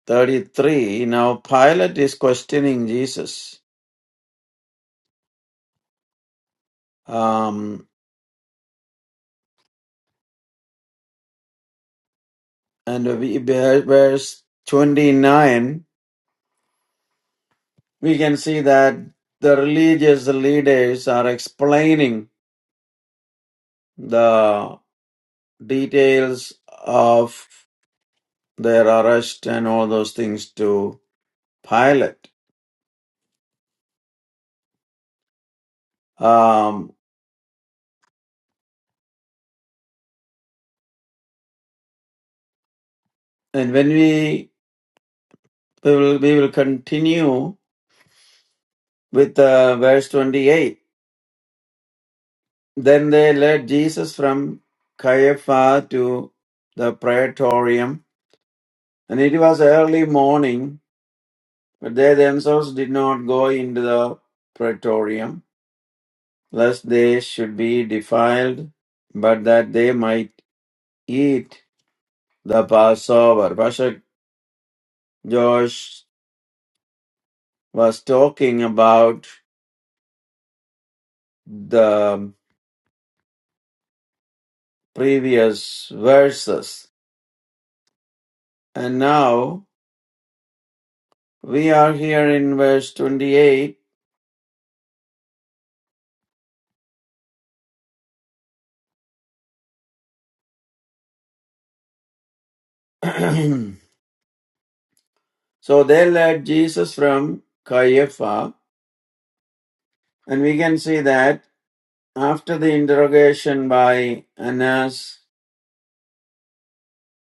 [SPEAKER 3] 33, now Pilate is questioning Jesus. Um, and we, verse 29, we can see that the religious leaders are explaining the. details of their arrest and all those things to Pilate. Um, and when we we will, we will continue with uh, verse 28. Then they led Jesus from Caiaphas to the praetorium, and it was early morning, but they themselves did not go into the praetorium, lest they should be defiled, but that they might eat the Passover. Pastor Josh was talking about the previous verses. And now we are here in verse 28. so they led Jesus from Caiaphas. And we can see that after the interrogation by Annas,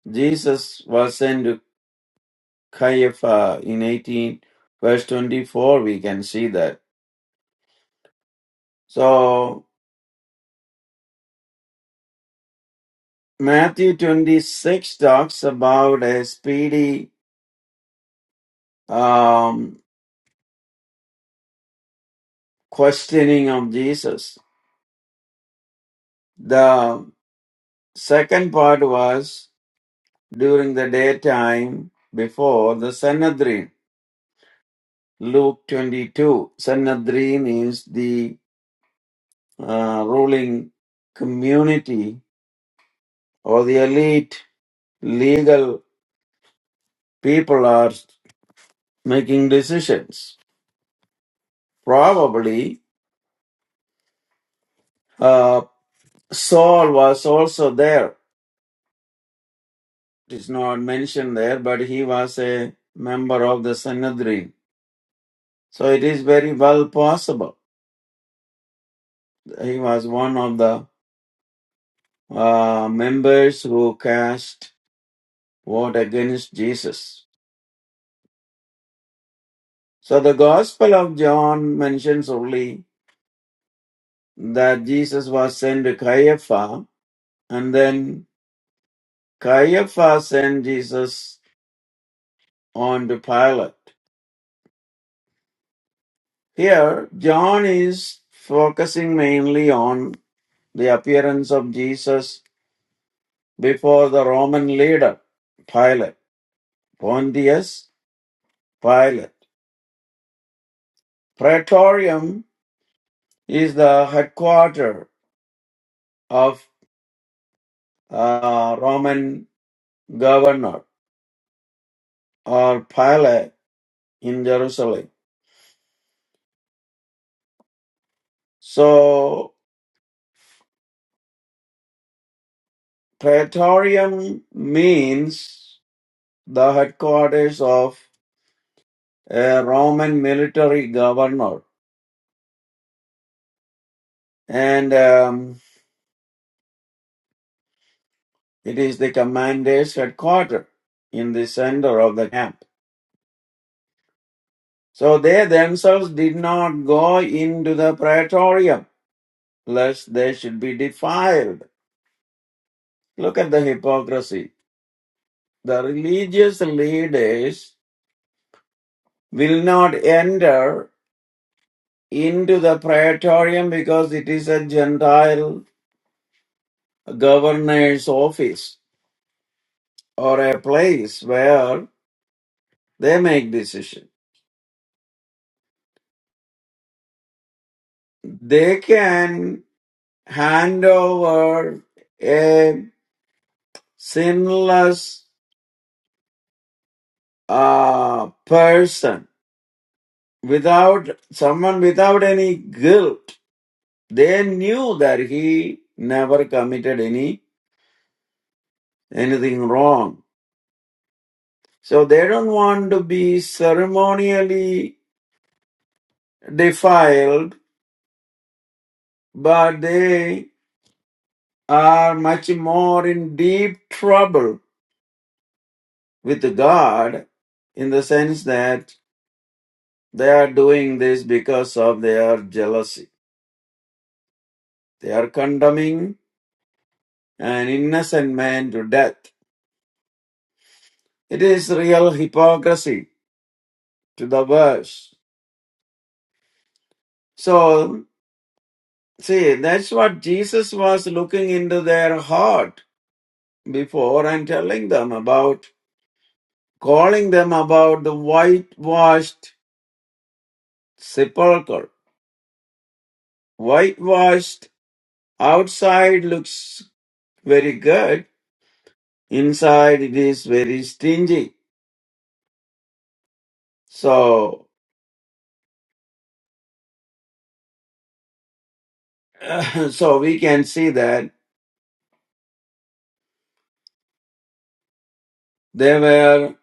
[SPEAKER 3] Jesus was sent to Caiaphas in 18, verse 24. We can see that. So Matthew 26 talks about a speedy um, questioning of Jesus. The second part was during the daytime before the Sanhedrin. Luke 22. Sanhedrin is the uh, ruling community or the elite legal people are making decisions. Probably uh, Saul was also there It is not mentioned there, but he was a member of the Sanhedrin. So it is very well possible. He was one of the uh, members who cast vote against Jesus. So the Gospel of John mentions only that Jesus was sent to Caiaphas, and then Caiaphas sent Jesus on to Pilate. Here, John is focusing mainly on the appearance of Jesus before the Roman leader, Pilate, Pontius Pilate. Praetorium is the headquarters of uh, Roman governor or Pilate in Jerusalem. So Praetorium means the headquarters of a Roman military governor, and um, it is the commander's headquarters in the center of the camp. So they themselves did not go into the praetorium, lest they should be defiled. Look at the hypocrisy. The religious leaders will not enter into the praetorium because it is a Gentile governor's office or a place where they make decision. They can hand over a sinless uh, person without someone without any guilt they knew that he never committed any anything wrong so they don't want to be ceremonially defiled but they are much more in deep trouble with god in the sense that they are doing this because of their jealousy they are condemning an innocent man to death it is real hypocrisy to the verse. So, see, that's what Jesus was looking into their heart before and telling them about, calling them about the whitewashed sepulchre. Whitewashed outside looks very good, inside it is very stingy. So, so we can see that they were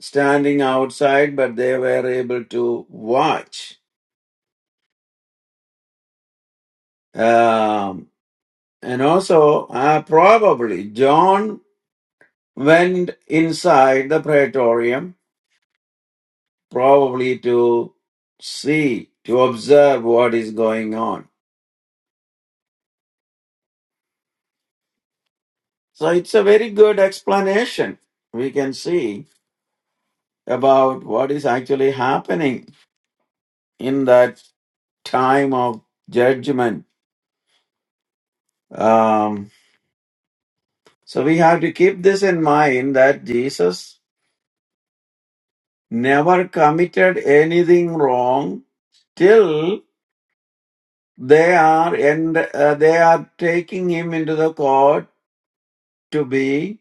[SPEAKER 3] standing outside, but they were able to watch. Um, And also, uh, probably John went inside the praetorium, probably to see, to observe what is going on. So it's a very good explanation we can see about what is actually happening in that time of judgment. Um, so we have to keep this in mind that Jesus never committed anything wrong till. they are and uh, they are taking him into the court to be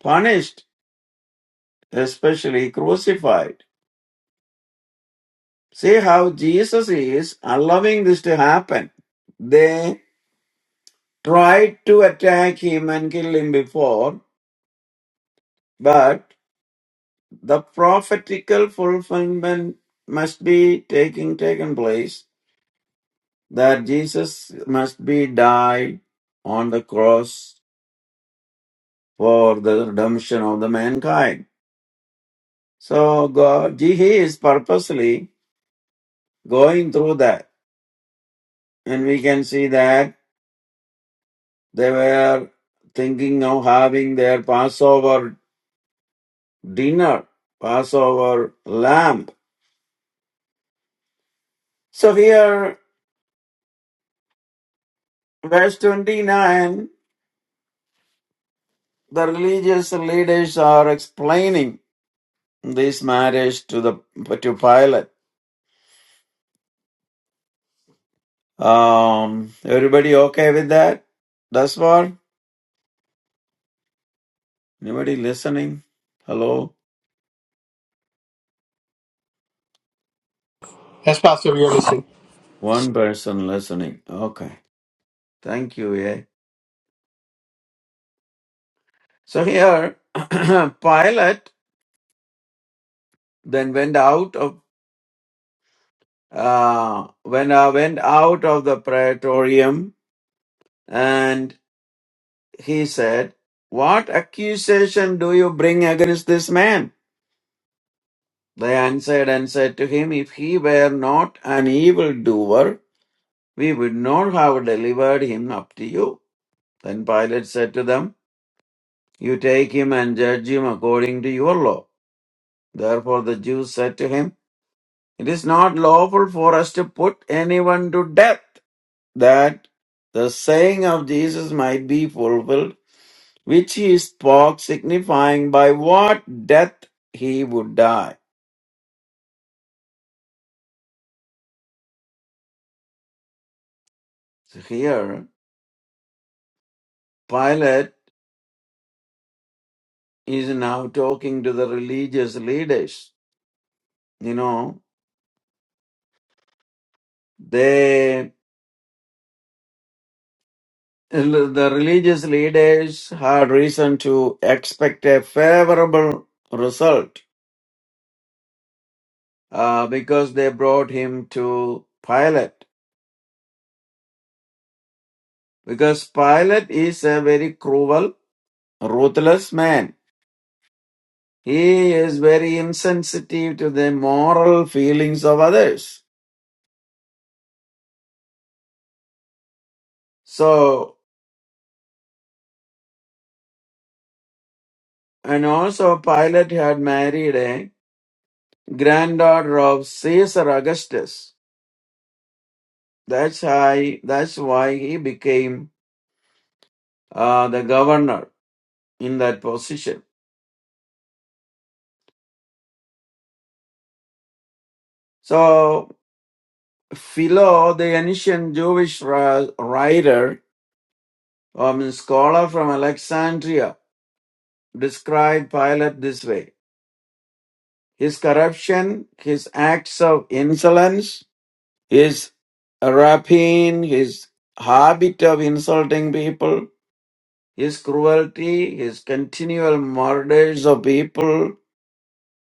[SPEAKER 3] punished especially crucified see how jesus is allowing this to happen they tried to attack him and kill him before but the prophetical fulfillment must be taking taken place that jesus must be died on the cross for the redemption of the mankind So God, He is purposely going through that. And we can see that they were thinking of having their Passover dinner, Passover lamb. So here, verse 29, the religious leaders are explaining this marriage to the to Pilate. Um, everybody okay with that? That's what? Anybody listening? Hello?
[SPEAKER 4] Yes, Pastor, we are listening.
[SPEAKER 3] One person listening. Okay. Thank you. Yeah. So here, Pilate then went out of uh, when I went out of the praetorium, and he said, "What accusation do you bring against this man?" They answered and said to him, "If he were not an evildoer, we would not have delivered him up to you." Then Pilate said to them, "You take him and judge him according to your law." Therefore, the Jews said to him. It is not lawful for us to put anyone to death, that the saying of Jesus might be fulfilled, which he spoke, signifying by what death he would die. So here, Pilate is now talking to the religious leaders. You know, they, the religious leaders had reason to expect a favorable result uh, because they brought him to Pilate. Because Pilate is a very cruel, ruthless man. He is very insensitive to the moral feelings of others. So, and also Pilate had married a granddaughter of Caesar Augustus. That's why, that's why he became uh, the governor in that position. So, Philo, the ancient Jewish ri- writer, um, scholar from Alexandria, described Pilate this way His corruption, his acts of insolence, his rapine, his habit of insulting people, his cruelty, his continual murders of people,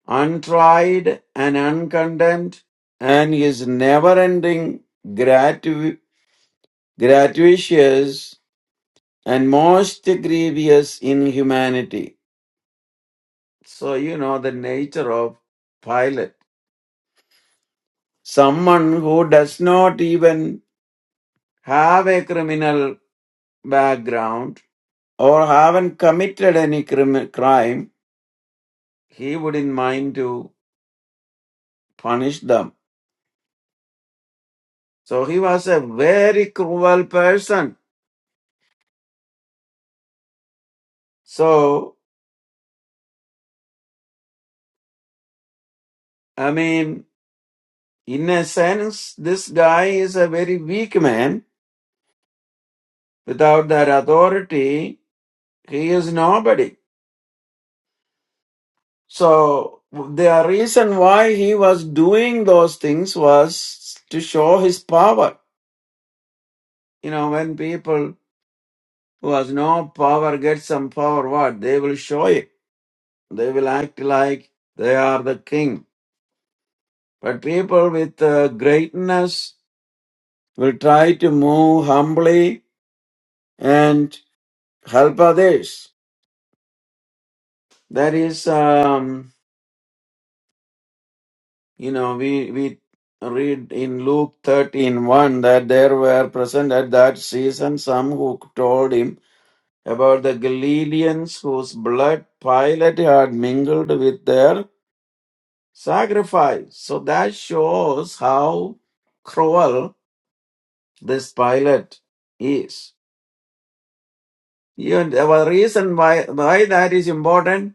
[SPEAKER 3] untried and uncondemned, and his never ending gratu- gratuitous and most grievous inhumanity. So, you know the nature of Pilate. Someone who does not even have a criminal background or haven't committed any crim- crime, he wouldn't mind to punish them. So he was a very cruel person. So, I mean, in a sense, this guy is a very weak man. Without that authority, he is nobody. So the reason why he was doing those things was to show his power You know, when people who has no power get some power, what? They will show it. They will act like they are the king. But people with uh, greatness will try to move humbly and help others. That is, um, you know, we, we read in Luke thirteen one that there were present at that season some who told him about the Galileans whose blood Pilate had mingled with their. sacrifice. So that shows how cruel this Pilate is. You know, the reason why, why that is important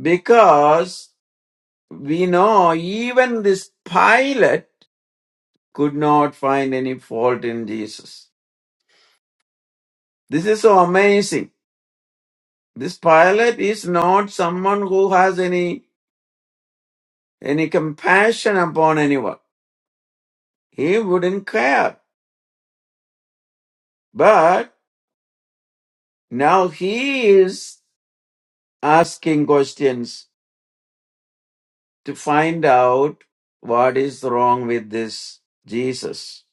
[SPEAKER 3] because we know even this Pilate could not find any fault in Jesus. This is so amazing. This Pilate is not someone who has any any compassion upon anyone. He wouldn't care. But now he is. asking questions to find out what is wrong with this Jesus.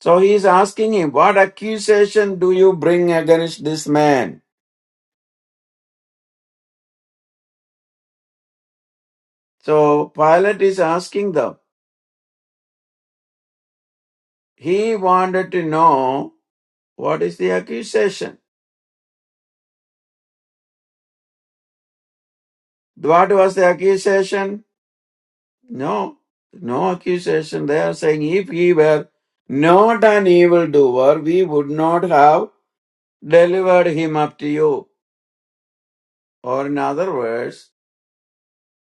[SPEAKER 3] So he is asking him, What accusation do you bring against this man? So Pilate is asking them. He wanted to know what is the accusation. What was the accusation? No, no accusation. They are saying if he were not an evildoer, we would not have delivered him up to you. Or in other words,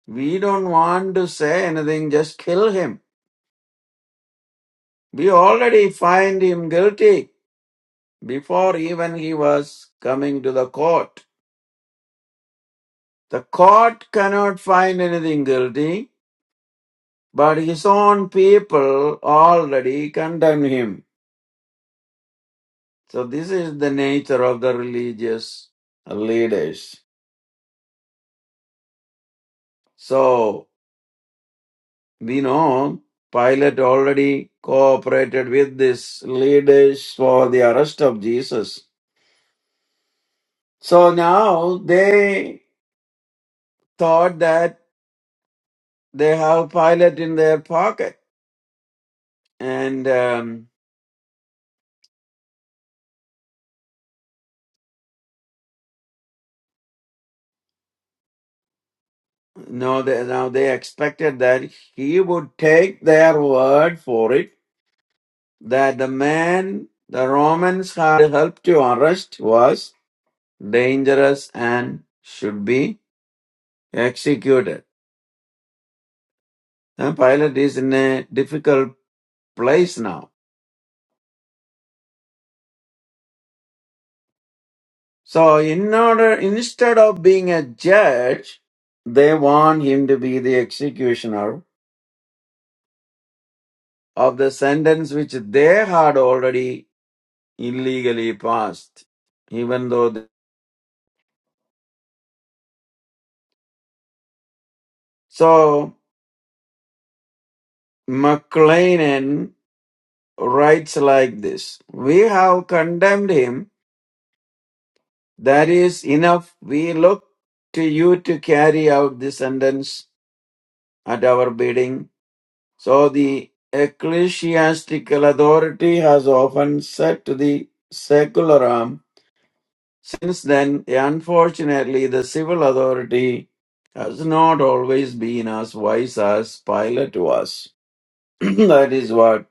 [SPEAKER 3] We don't want to say anything, just kill him. We already find him guilty before even he was coming to the court. The court cannot find anything guilty, but his own people already condemn him. So this is the nature of the religious leaders. So we know Pilate already cooperated with these leaders for the arrest of Jesus. So now they thought that they have Pilate in their pocket and um, no they, now they expected that he would take their word for it that the man the romans had helped to arrest was dangerous and should be executed and pilate is in a difficult place now so in order instead of being a judge they want him to be the executioner of the sentence which they had already illegally passed, even though. They... So McLean writes like this: "We have condemned him. That is enough. We look to you to carry out the sentence at our bidding." So the ecclesiastical authority has often said to the secular arm Since then, unfortunately, the civil authority has not always been as wise as Pilate was. that is what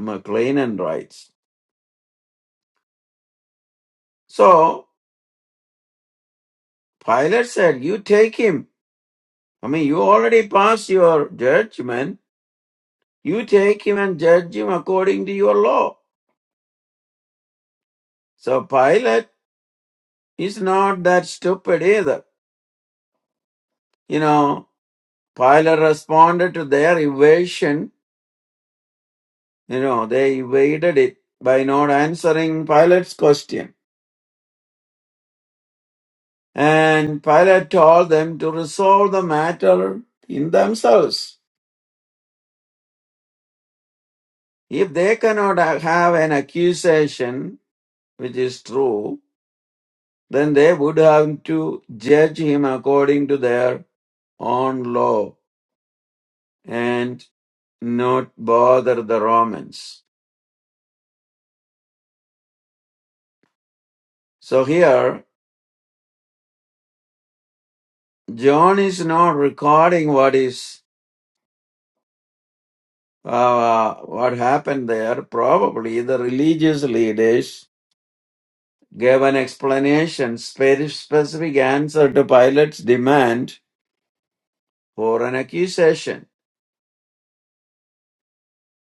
[SPEAKER 3] McLennan writes. So, Pilate said, You take him. I mean, you already passed your judgment. You take him and judge him according to your law. So, Pilate is not that stupid either. You know, Pilate responded to their evasion You know, they evaded it by not answering Pilate's question. And Pilate told them to resolve the matter in themselves. If they cannot ha- have an accusation, which is true, then they would have to judge him according to their own law and not bother the Romans. So here, John is not recording what is uh, what happened there, probably the religious leaders gave an explanation, spe- specific answer to Pilate's demand for an accusation.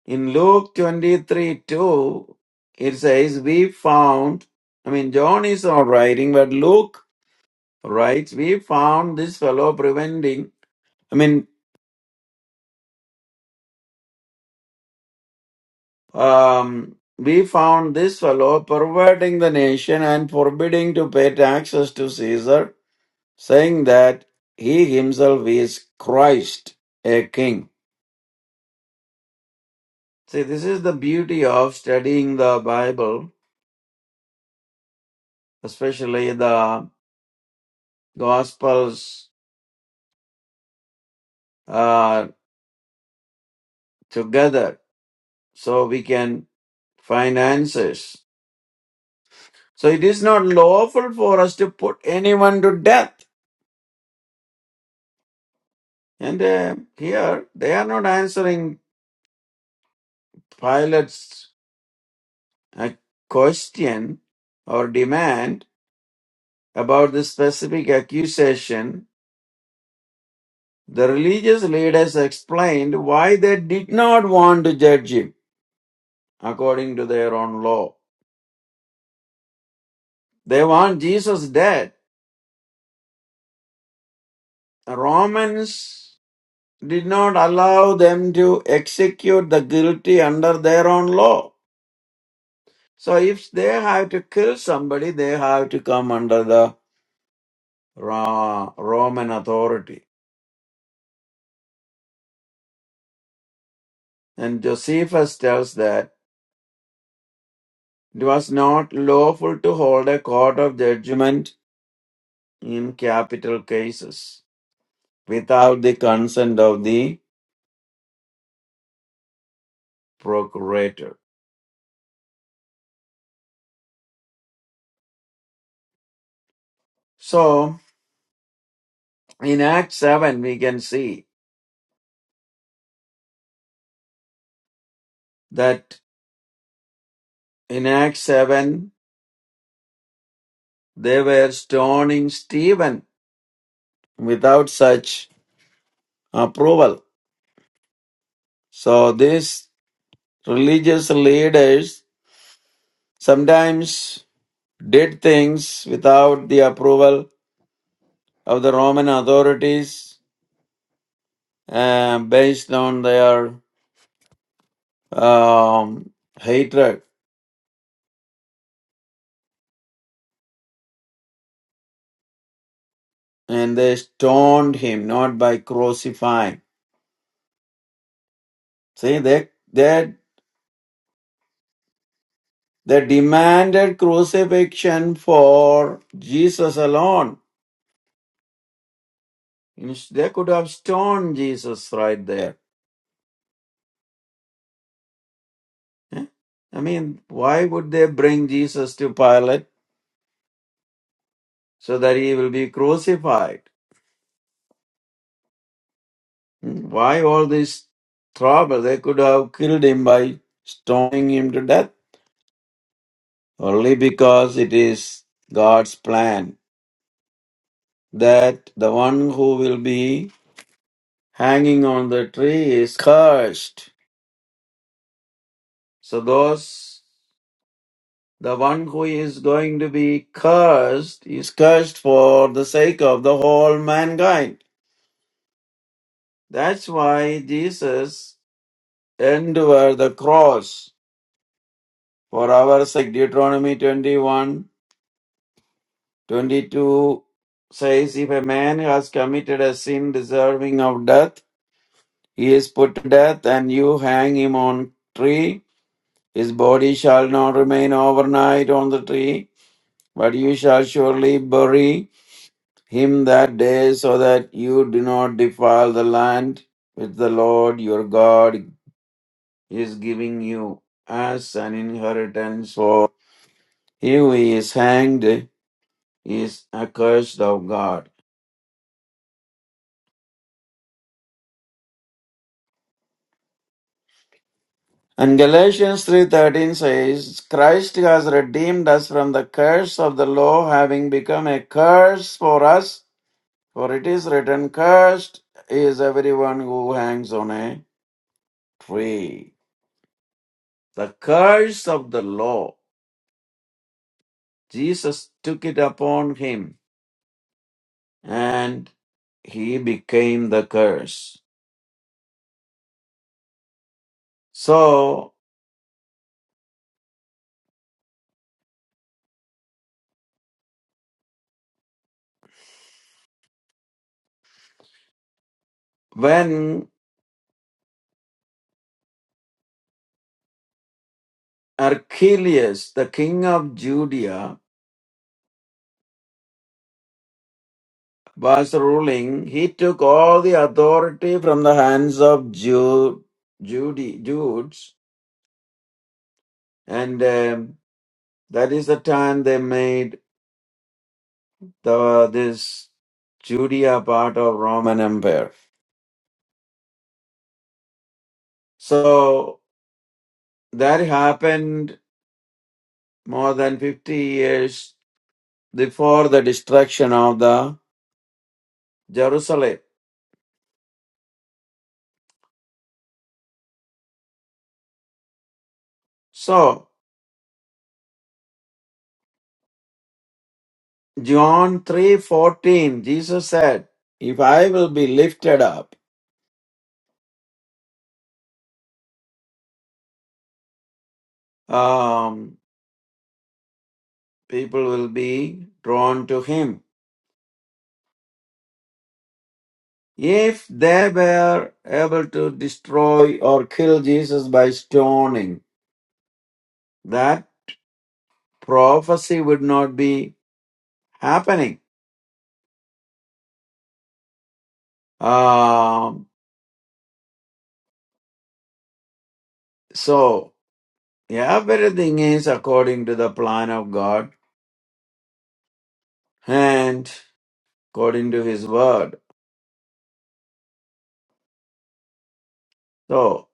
[SPEAKER 3] In Luke 23 2, it says, We found, I mean, John is not writing, but Luke writes, We found this fellow preventing, I mean, um, we found this fellow perverting the nation and forbidding to pay taxes to Caesar saying that he himself is Christ, a king. See, this is the beauty of studying the Bible, especially the Gospels uh, together, so we can find answers. So it is not lawful for us to put anyone to death. And uh, here they are not answering Pilate's uh, question or demand about this specific accusation The religious leaders explained why they did not want to judge him according to their own law. They want Jesus dead. The Romans did not allow them to execute the guilty under their own law. So if they have to kill somebody, they have to come under the Ra- Roman authority. And Josephus tells that it was not lawful to hold a court of judgment in capital cases without the consent of the procurator. So in Acts 7, we can see that in Acts 7, they were stoning Stephen without such approval. So these religious leaders sometimes did things without the approval of the Roman authorities uh, based on their um, hatred and they stoned him not by crucifying. See, they they they demanded crucifixion for Jesus alone. They could have stoned Jesus right there. eh? I mean, why would they bring Jesus to Pilate so that he will be crucified? Hmm, Why all this trouble? They could have killed him by stoning him to death only because it is God's plan that the one who will be hanging on the tree is cursed. So those, the one who is going to be cursed is cursed for the sake of the whole mankind. That's why Jesus endured the cross for our sake. Deuteronomy 21:22 says, If a man has committed a sin deserving of death, he is put to death and you hang him on tree. His body shall not remain overnight on the tree But you shall surely bury him that day, so that you do not defile the land which the Lord your God is giving you as an inheritance. For he who is hanged is accursed of God. And Galatians 3:13 says, Christ has redeemed us from the curse of the law, having become a curse for us. For it is written, Cursed is everyone who hangs on a tree. the curse of the law. Jesus took it upon him and he became the curse. So when Archelaus, the king of Judea, was ruling, he took all the authority from the hands of Jude, Jude, Judes, and um, that is the time they made the, this Judea part of Roman Empire. So that happened more than 50 years before the destruction of the Jerusalem. So, John 3:14 Jesus said, "If I will be lifted up, um, people will be drawn to him." If they were able to destroy or kill Jesus by stoning, that prophecy would not be happening. Um, so everything is according to the plan of God and according to his word. So,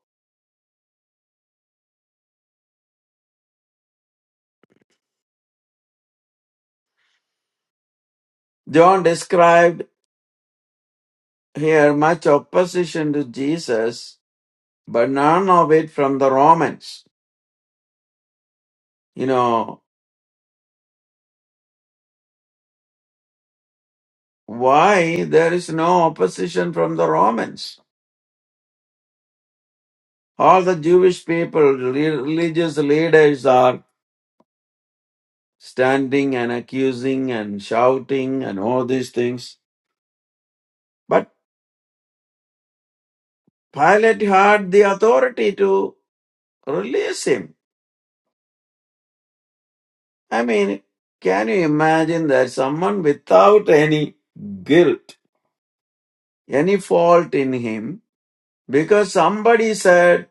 [SPEAKER 3] John described here much opposition to Jesus, but none of it from the Romans. You know, why there is no opposition from the Romans? All the Jewish people, reli- religious leaders are standing and accusing and shouting and all these things. But Pilate had the authority to release him. I mean, can you imagine that someone without any guilt, any fault in him, because somebody said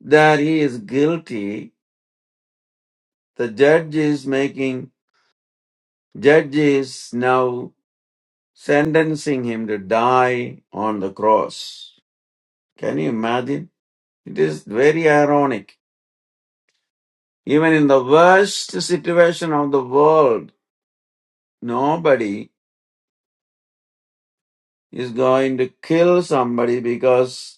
[SPEAKER 3] that he is guilty, the judge is making, judge is now sentencing him to die on the cross. Can you imagine? It is very ironic. Even in the worst situation of the world, nobody is going to kill somebody because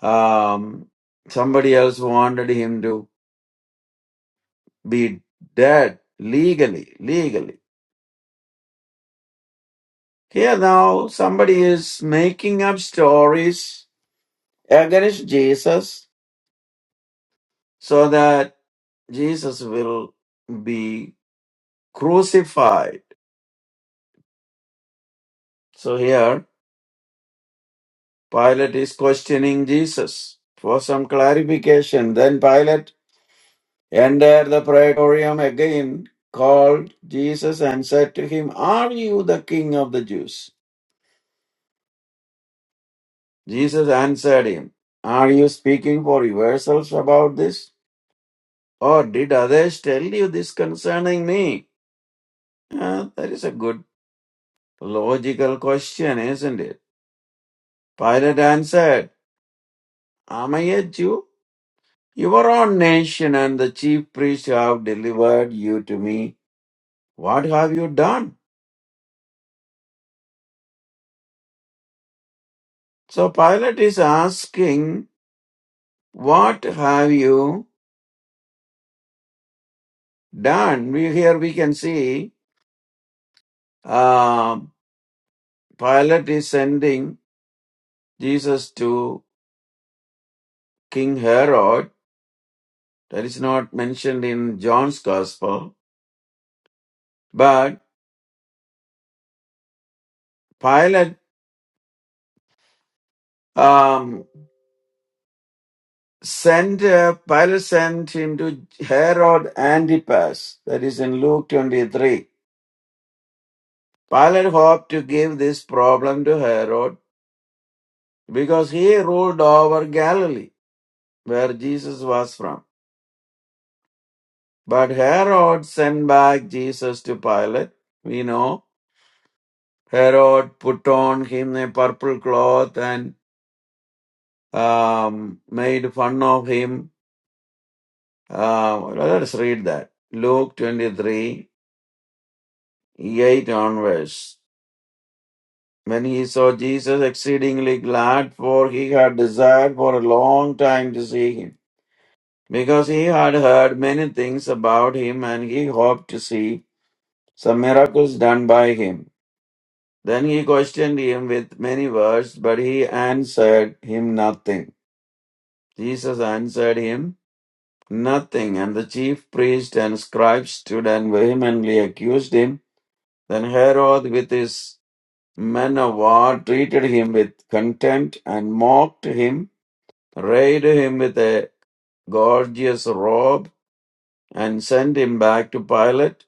[SPEAKER 3] Um, somebody else wanted him to be dead legally, legally. Here now, somebody is making up stories against Jesus so that Jesus will be crucified. So here, Pilate is questioning Jesus for some clarification. Then Pilate entered the praetorium again, called Jesus, and said to him, Are you the king of the Jews? Jesus answered him, Are you speaking for yourselves about this? Or did others tell you this concerning me? Uh, that is a good logical question, isn't it? Pilate answered, Am I a Jew? Your own nation and the chief priests have delivered you to me. What have you done? So Pilate is asking, What have you done? We, here we can see um Pilate is sending Jesus to King Herod. That is not mentioned in John's Gospel. But Pilate um, sent uh, Pilate sent him to Herod Antipas. That is in Luke twenty three. Pilate hoped to give this problem to Herod because he ruled over Galilee, where Jesus was from. But Herod sent back Jesus to Pilate. We know Herod put on him a purple cloth and um, made fun of him. Uh, let us read that. Luke 23, 8 onwards. When he saw Jesus exceedingly glad, for he had desired for a long time to see him, because he had heard many things about him and he hoped to see some miracles done by him. Then he questioned him with many words, but he answered him nothing. Jesus answered him Nothing. And the chief priest and scribes stood and vehemently accused him. Then Herod, with his men of war, treated him with contempt and mocked him, arrayed him with a gorgeous robe, and sent him back to Pilate.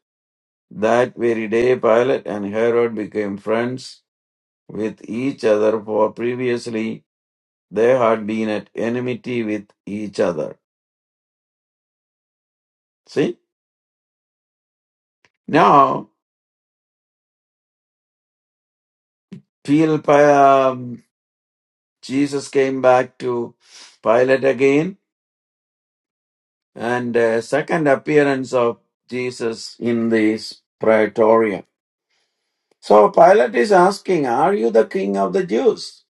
[SPEAKER 3] That very day, Pilate and Herod became friends with each other, for previously they had been at enmity with each other. See? Now, Pil- Jesus came back to Pilate again, and uh, second appearance of Jesus in this praetorium. So Pilate is asking, Are you the king of the Jews?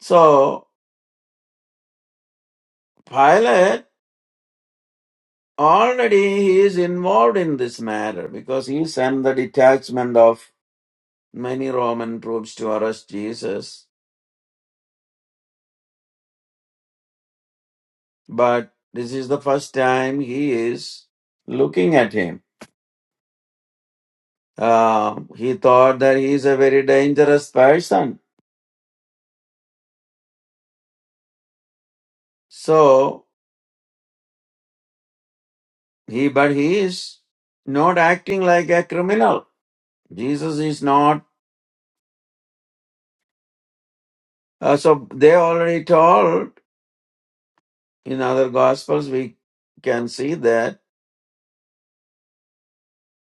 [SPEAKER 3] So Pilate already he is involved in this matter because he sent the detachment of many Roman troops to arrest Jesus. But this is the first time he is looking at him. Uh, he thought that he is a very dangerous person So he, but he is not acting like a criminal. Jesus is not. Uh, so they already told in other gospels we can see that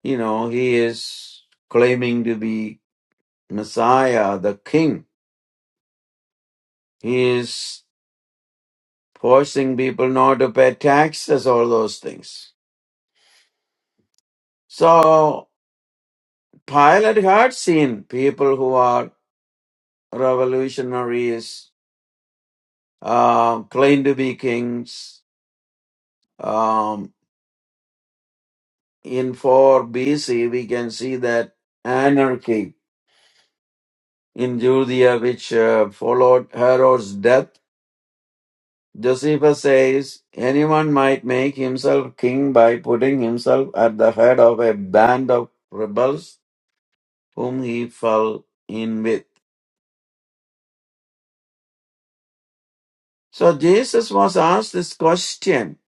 [SPEAKER 3] you know he is claiming to be Messiah, the King. He is forcing people not to pay taxes, all those things. So Pilate had seen people who are revolutionaries, uh, claim to be kings, um, in 4 BC, we can see that anarchy in Judea, which uh, followed Herod's death. Josephus says anyone might make himself king by putting himself at the head of a band of rebels whom he fell in with. So Jesus was asked this question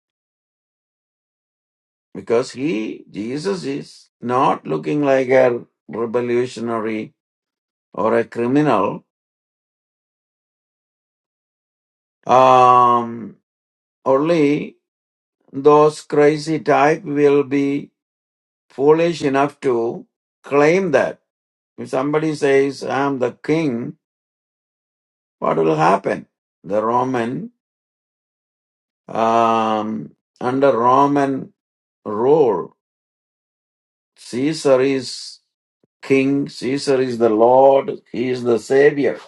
[SPEAKER 3] because he, Jesus, is not looking like a revolutionary or a criminal. Um, only those crazy type will be foolish enough to claim that. If somebody says, I'm the king, what will happen? The Roman, um, under Roman rule, Caesar is king, Caesar is the Lord, he is the savior.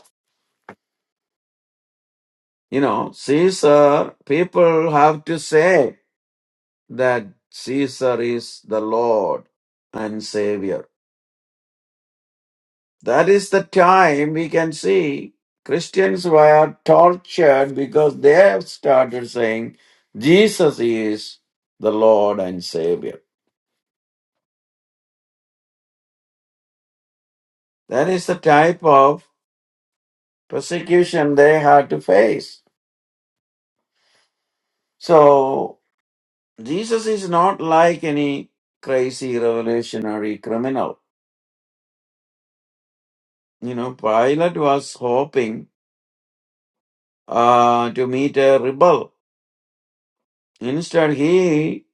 [SPEAKER 3] You know, Caesar, people have to say that Caesar is the Lord and savior That is the time we can see Christians were tortured because they have started saying Jesus is the Lord and Savior. That is the type of persecution they had to face. So, Jesus is not like any crazy revolutionary criminal. You know, Pilate was hoping uh, to meet a rebel. Instead, he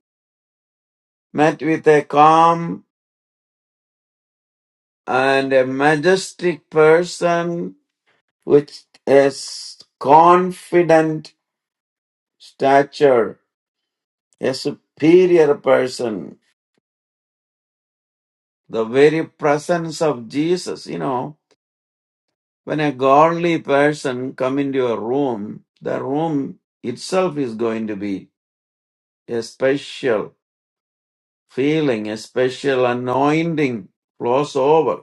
[SPEAKER 3] met with a calm and a majestic person which is confident stature, a superior person, the very presence of Jesus. You know, when a godly person come into a room, the room itself is going to be a special feeling, a special anointing flows over.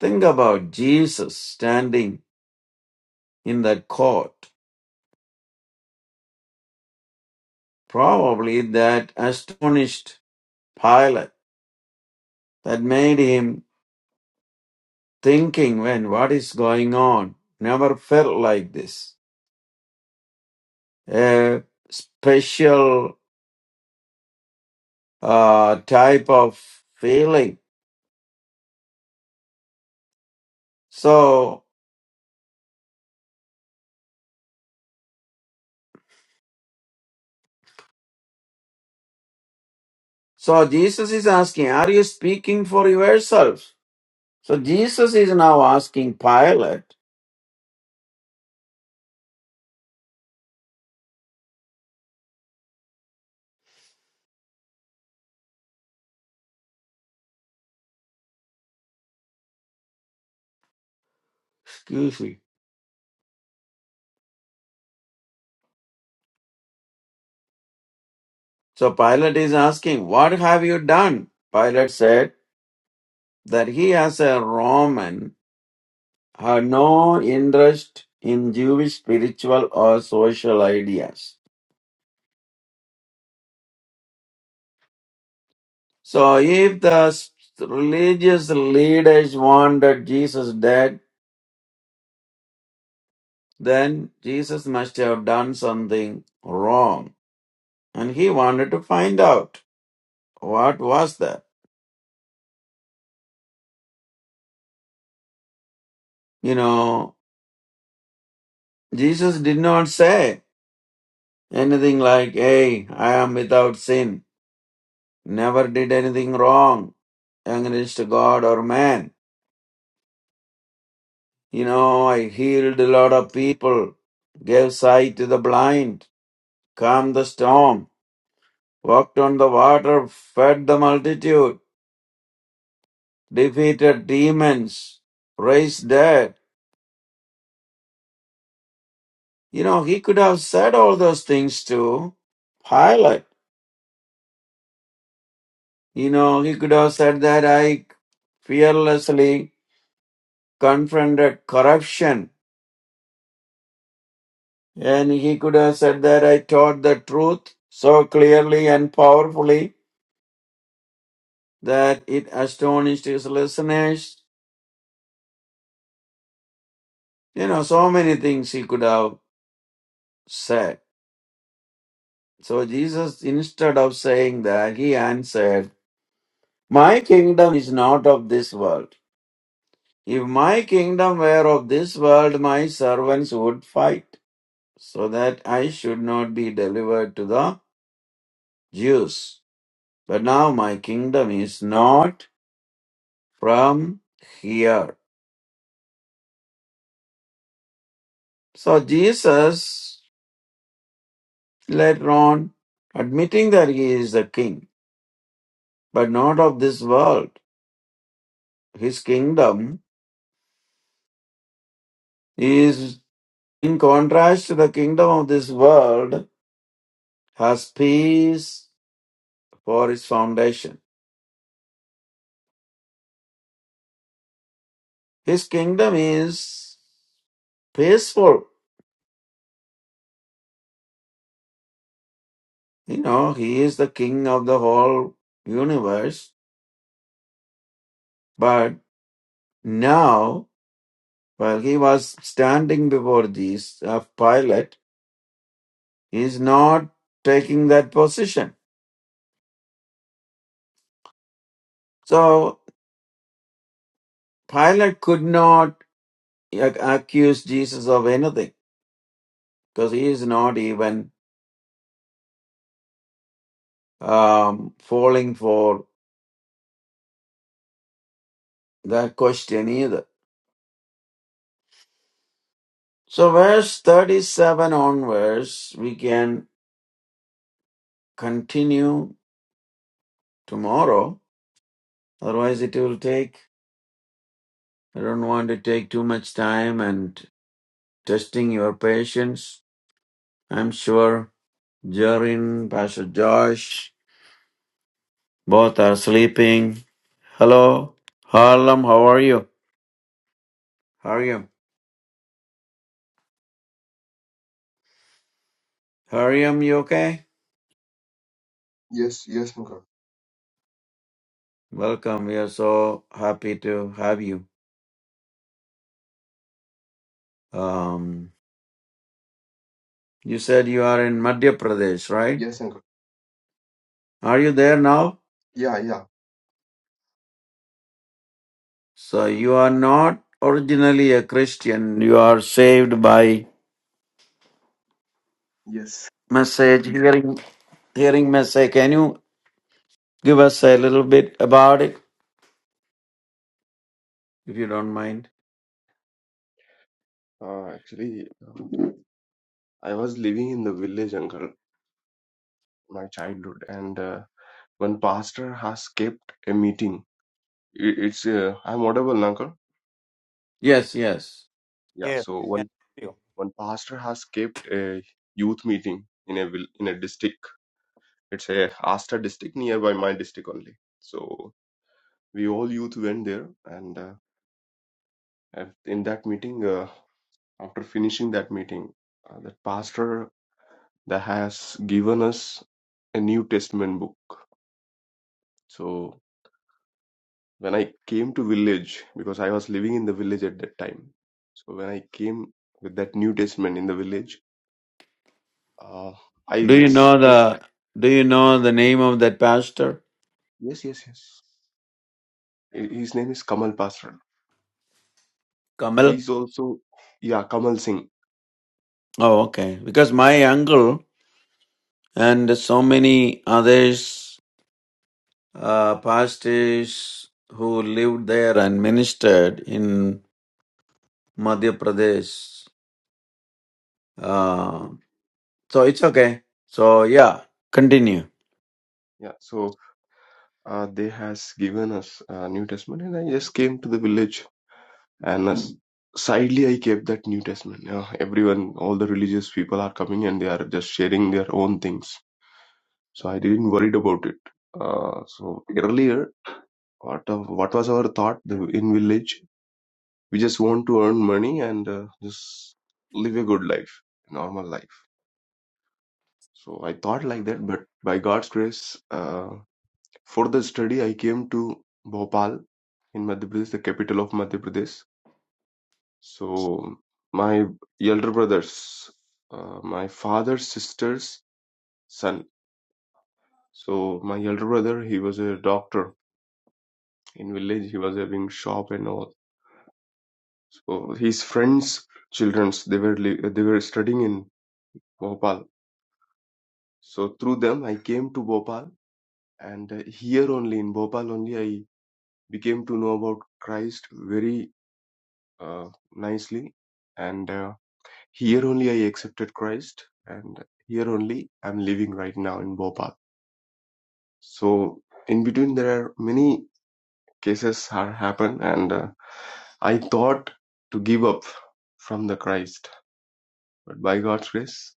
[SPEAKER 3] Think about Jesus standing in that court. Probably that astonished Pilate, that made him thinking when what is going on. Never felt like this. A special uh, type of feeling. So, so Jesus is asking, are you speaking for yourself? So Jesus is now asking Pilate, excuse me. So Pilate is asking, what have you done? Pilate said that he as a Roman had no interest in Jewish spiritual or social ideas. So, if the s- religious leaders wanted Jesus dead, then Jesus must have done something wrong. And he wanted to find out what was that. You know, Jesus did not say anything like, Hey, I am without sin, never did anything wrong against God or man. You know, I healed a lot of people, gave sight to the blind, calmed the storm, walked on the water, fed the multitude, defeated demons, raised dead. You know, he could have said all those things to Pilate. You know, he could have said that I fearlessly confronted corruption. And he could have said that I taught the truth so clearly and powerfully that it astonished his listeners. You know, so many things he could have said. So Jesus, instead of saying that, he answered, My kingdom is not of this world. If my kingdom were of this world, my servants would fight, so that I should not be delivered to the Jews. But now my kingdom is not from here. So Jesus later on, admitting that he is the king, but not of this world. His kingdom is in contrast to the kingdom of this world, has peace for its foundation. His kingdom is peaceful. You know, he is the king of the whole universe. But now, while he was standing before these of Pilate, he is not taking that position. So Pilate could not ac- accuse Jesus of anything because he is not even um, falling for the question either. So, verse 37 onwards, we can continue tomorrow. Otherwise, it will take, I don't want to take too much time and testing your patience. I'm sure Jarin, Pastor Josh, both are sleeping. Hello, Harlem, how are you? How are you? Harlem, you okay?
[SPEAKER 5] Yes, yes, Uncle.
[SPEAKER 3] Welcome. We are so happy to have you. Um, you said you are in Madhya Pradesh, right?
[SPEAKER 5] Yes, Uncle.
[SPEAKER 3] Are you there now?
[SPEAKER 5] Yeah, yeah.
[SPEAKER 3] So you are not originally a Christian. You are saved by
[SPEAKER 5] Yes.
[SPEAKER 3] message, hearing, hearing message. Can you give us a little bit about it, if you don't mind?
[SPEAKER 5] Uh, actually, uh, I was living in the village, Uncle, my childhood, and uh, one pastor has kept a meeting. I- It's uh, I'm audible, Uncle.
[SPEAKER 3] Yes, yes.
[SPEAKER 5] Yeah.
[SPEAKER 2] Yes,
[SPEAKER 5] So
[SPEAKER 2] we can
[SPEAKER 5] one
[SPEAKER 2] hear you.
[SPEAKER 5] one pastor has kept a youth meeting in a vill- in a district. It's a Asta district nearby my district only. So we all youth went there, and uh, at- in that meeting, uh, after finishing that meeting, uh, that pastor that has given us a New Testament book. So when I came to village, because I was living in the village at that time, so when I came with that New Testament in the village, uh, I
[SPEAKER 3] Do you
[SPEAKER 5] just
[SPEAKER 3] know
[SPEAKER 5] kept
[SPEAKER 3] the Do you know the name of that pastor?
[SPEAKER 5] yes, yes, yes. Hi- His name is Kamal Pasran.
[SPEAKER 3] Kamal.
[SPEAKER 5] He's also yeah, Kamal Singh.
[SPEAKER 3] Oh, okay. Because my uncle and so many others. uh, pastors who lived there and ministered in Madhya Pradesh. Uh,
[SPEAKER 5] Okay,
[SPEAKER 3] so it's okay. So yeah, continue.
[SPEAKER 5] yeah. So uh, they has given us uh, New Testament, and I just came to the village And as, sadly, I kept that New Testament. Yeah, everyone, all the religious people are coming and they are just sharing their own things. So I didn't worried about it. Uh, so earlier, what of, what was our thought the- in village? We just want to earn money and uh, just live a good life, normal life. So I thought like that, but by God's grace, uh, for the study, I came to Bhopal in Madhya Pradesh, the capital of Madhya Pradesh So my elder brothers, uh, my father's sister's son. So my elder brother, he was a doctor in village. He was having shop and all. So his friends' childrens, they were li- they were studying in Bhopal. So through them, I came to Bhopal, and uh, here only in Bhopal only I became to know about Christ very uh, nicely, and. Uh, Here only I accepted Christ, and here only I'm living right now in Bhopal. So in between there are many cases are happen, and uh, I thought to give up from the Christ, but by God's grace,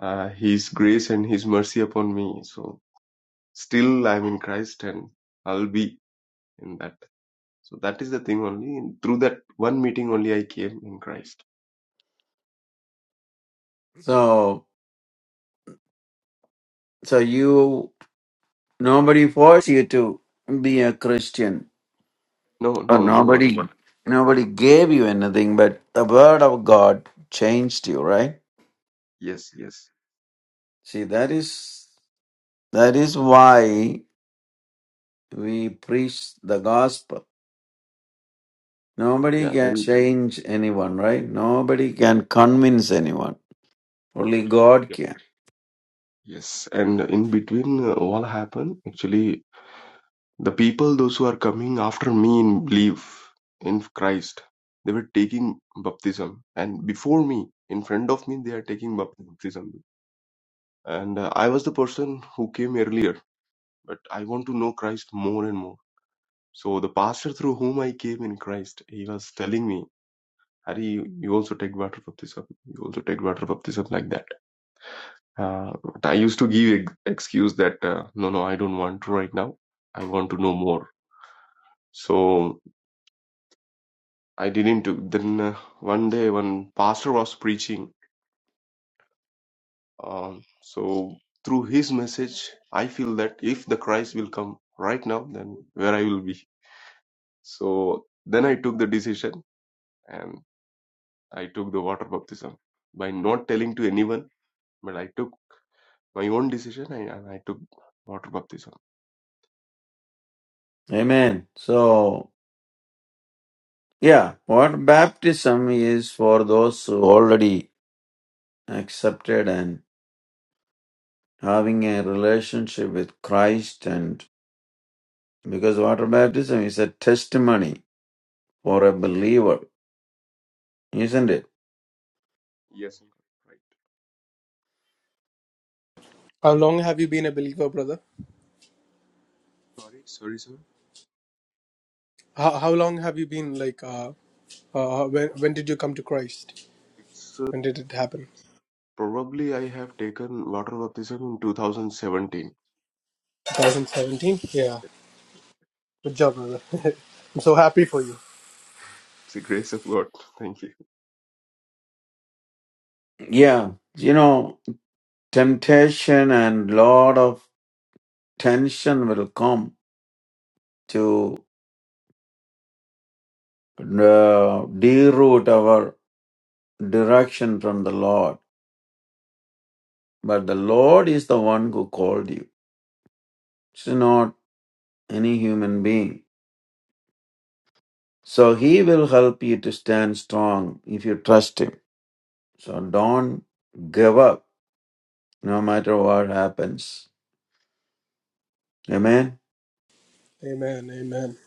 [SPEAKER 5] uh, His grace and His mercy upon me. So still I'm in Christ, and I'll be in that. So that is the thing only. And Through that one meeting only, I came in Christ.
[SPEAKER 3] So so you nobody forced you to be a Christian.
[SPEAKER 5] No, no,
[SPEAKER 3] Or
[SPEAKER 5] no, no
[SPEAKER 3] nobody
[SPEAKER 5] one.
[SPEAKER 3] nobody gave you anything, but the word of God changed you, right?
[SPEAKER 5] Yes, yes,
[SPEAKER 3] See that is that is why we preach the gospel Nobody
[SPEAKER 5] yeah,
[SPEAKER 3] can
[SPEAKER 5] and
[SPEAKER 3] change anyone, right? Nobody can convince anyone. Only God can.
[SPEAKER 5] Yes, and in between uh, all happen, actually, the people, those who are coming after me in belief in Christ, they were taking baptism. And before me, in front of me, they are taking bap- baptism. And uh, I was the person who came earlier, but I want to know Christ more and more. So the pastor through whom I came in Christ, he was telling me, Hari, you you also take water baptism. You also take water baptism like that. Uh, but I used to give ex- excuse that uh, no, no, I don't want to right now. I want to know more. So I didn't. do- Then uh, one day, when pastor was preaching, um, so through his message, I feel that if the Christ will come right now, then where I will be. So then I took the decision and I took the water baptism by not telling to anyone, but I took my own decision and, and I took water baptism.
[SPEAKER 3] Amen. So, yeah, what baptism is for those who already accepted and having a relationship with Christ and because water baptism is a testimony for a believer, isn't it?
[SPEAKER 5] Yes, uncle. right.
[SPEAKER 4] How long have you been a believer, brother?
[SPEAKER 5] Sorry, sorry, sir.
[SPEAKER 4] How, how long have you been like? Uh, uh, when when did you come to Christ?
[SPEAKER 5] It's uh,
[SPEAKER 4] When did it happen?
[SPEAKER 5] probably I have taken water baptism in 2017.
[SPEAKER 4] 2017. Yeah,
[SPEAKER 5] It's
[SPEAKER 4] good job, brother. I'm so happy for you.
[SPEAKER 5] the grace of God. Thank you.
[SPEAKER 3] Yeah, you know, temptation and lot of tension will come to uh, deroot our direction from the Lord. But the Lord is the one who called you. It's not any human being. So he will help you to stand strong if you trust him. So don't give up no matter what happens. Amen.
[SPEAKER 4] Amen. Amen.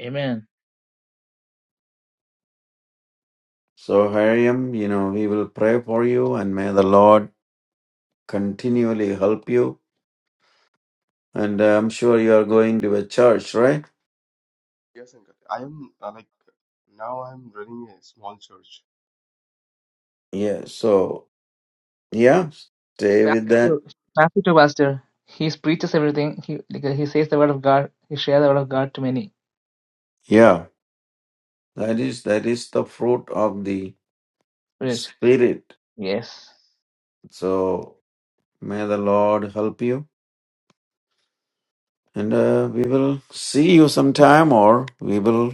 [SPEAKER 1] Amen.
[SPEAKER 3] So Hariam, you know, we will pray for you and may the Lord continually help you. And uh, I'm sure you are going to a church, right?
[SPEAKER 5] Yes, Uncle. I am uh, like now I'm running a small church.
[SPEAKER 3] Yeah. So yeah, stay
[SPEAKER 1] Back
[SPEAKER 3] with that.
[SPEAKER 1] to Matthew to Pastor. He preaches everything. He like, he says the word of God. He shares the word of God to many.
[SPEAKER 3] Yeah. That is that is the fruit of the
[SPEAKER 1] Brilliant.
[SPEAKER 3] spirit.
[SPEAKER 1] Yes.
[SPEAKER 3] So may the Lord help you. And uh, we will see you sometime, or we will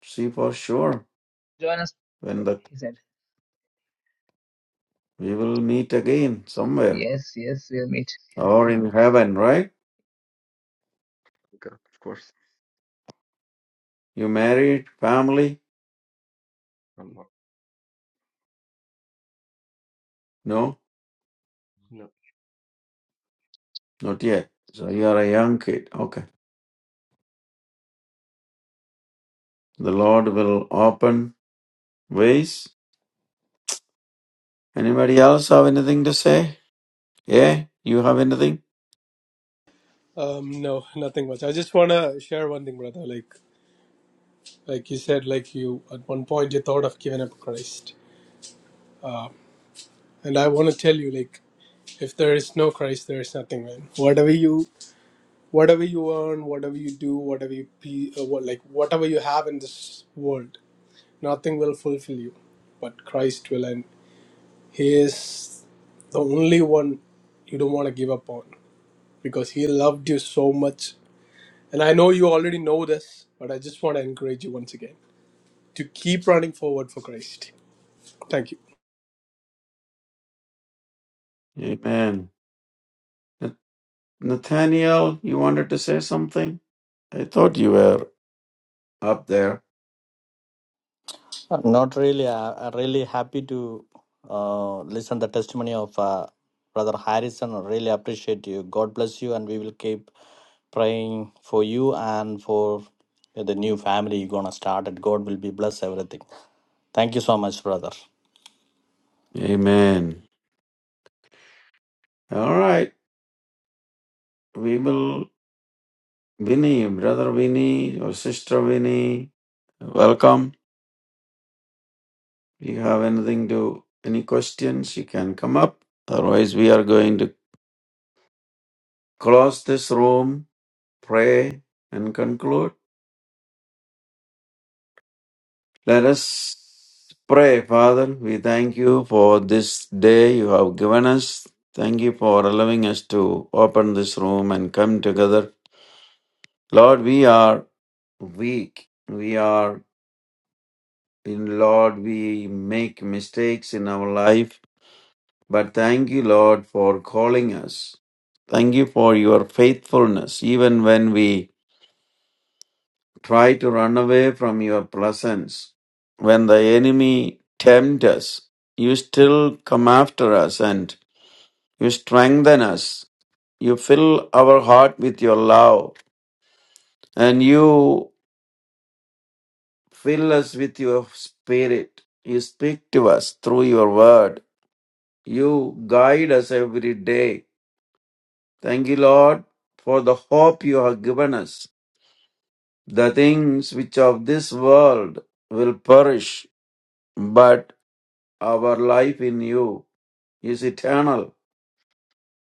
[SPEAKER 3] see for sure
[SPEAKER 1] Join us.
[SPEAKER 3] when the
[SPEAKER 1] He said.
[SPEAKER 3] we will meet again somewhere
[SPEAKER 1] Yes, yes, we'll meet.
[SPEAKER 3] or in heaven, right?
[SPEAKER 5] Okay, of course.
[SPEAKER 3] You married, family?
[SPEAKER 5] I'm not.
[SPEAKER 3] No,
[SPEAKER 5] No.
[SPEAKER 3] not yet. So you are a young kid. Okay. The Lord will open ways. Anybody else have anything to say? Yeah, you have anything?
[SPEAKER 4] Um, no, nothing much. I just wanna share one thing, brother. Like like you said, like you at one point you thought of giving up Christ, and I wanna tell you, like if there is no Christ, there is nothing, man. Whatever you whatever you earn, whatever you do, whatever you be, uh, what, like whatever you have in this world Nothing will fulfill you, but Christ will, and He is the only one you don't want to give up on because He loved you so much. And I know you already know this, but I just want to encourage you once again to keep running forward for Christ. Thank you.
[SPEAKER 3] Amen. Nathaniel, you wanted to say something? I thought you were up there.
[SPEAKER 6] Uh, Not really. I- I'm really happy to uh, listen the testimony of uh, Brother Harrison. I Really appreciate you. God bless you, and we will keep praying for you and for the new family you're gonna start. And God will be bless everything. Thank you so much, brother.
[SPEAKER 3] Amen. All right. We will, Vinny, brother Vinny, or sister Vinny, welcome. If you have anything to, any questions, you can come up. Otherwise, we are going to close this room, pray, and conclude. Let us pray, Father. We thank you for this day you have given us. Thank you for allowing us to open this room and come together. Lord, we are weak. We are in Lord, we make mistakes in our life. But thank you, Lord, for calling us. Thank you for your faithfulness, even when we Try to run away from your presence. When the enemy tempts us, you still come after us and you strengthen us. You fill our heart with your love and you fill us with your spirit. You speak to us through your word. You guide us every day. Thank you, Lord, for the hope you have given us. The things which of this world will perish, but Our life in you is eternal,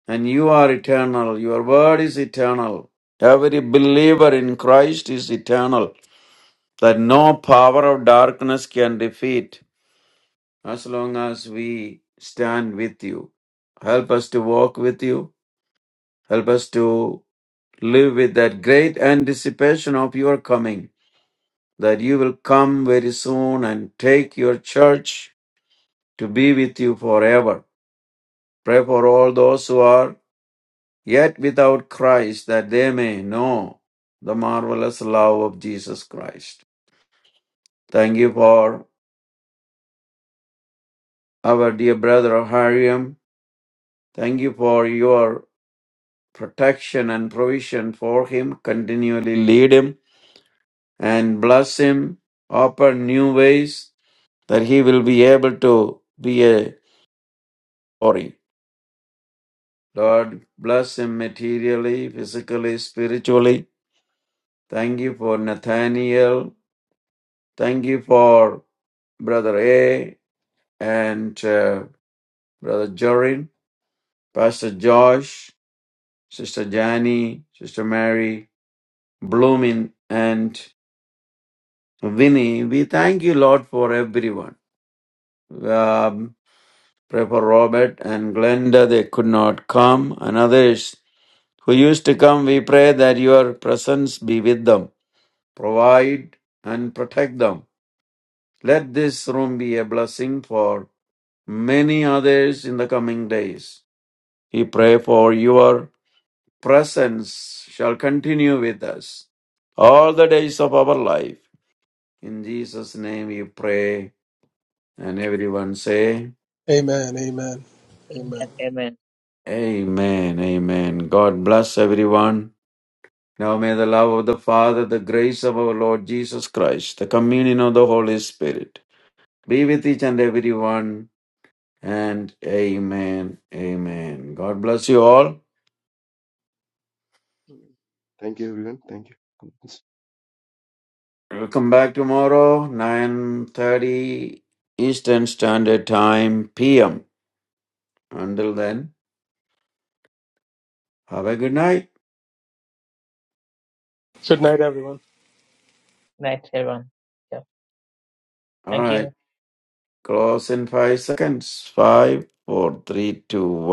[SPEAKER 3] and you are eternal. Your word is eternal. Every believer in Christ is eternal, that no power of darkness can defeat as long as we stand with you. Help us to walk with you. Help us to live with that great anticipation of your coming, that you will come very soon and take your church to be with you forever. Pray for all those who are yet without Christ, that they may know the marvelous love of Jesus Christ. Thank you for our dear brother Hariam. Thank you for your protection and provision for him. Continually lead him and bless him. Open new ways that he will be able to be a glory. Lord, bless him materially, physically, spiritually. Thank you for Nathaniel. Thank you for Brother A. and uh, Brother Jorin, Pastor Josh, Sister Jani, Sister Mary, Bloomin, and Vinny. We thank you, Lord, for everyone. Um, pray for Robert and Glenda. They could not come, and others who used to come. We pray that your presence be with them. Provide and protect them. Let this room be a blessing for many others in the coming days. We pray for your presence shall continue with us all the days of our life. In Jesus' name we pray, and everyone say,
[SPEAKER 4] Amen. Amen. Amen.
[SPEAKER 1] And amen.
[SPEAKER 3] Amen, Amen. God bless everyone. Now may the love of the Father, the grace of our Lord Jesus Christ, the communion of the Holy Spirit be with each and everyone. And Amen, Amen. God bless you all.
[SPEAKER 5] Thank you, everyone. Thank you.
[SPEAKER 3] We'll come back tomorrow, 9.30 Eastern Standard Time, PM. Until then, have a good night.
[SPEAKER 4] Good night, everyone.
[SPEAKER 1] Night, everyone. Yeah.
[SPEAKER 3] All
[SPEAKER 1] Thank you.
[SPEAKER 3] right. Close in five seconds. Five, four, three, two, one.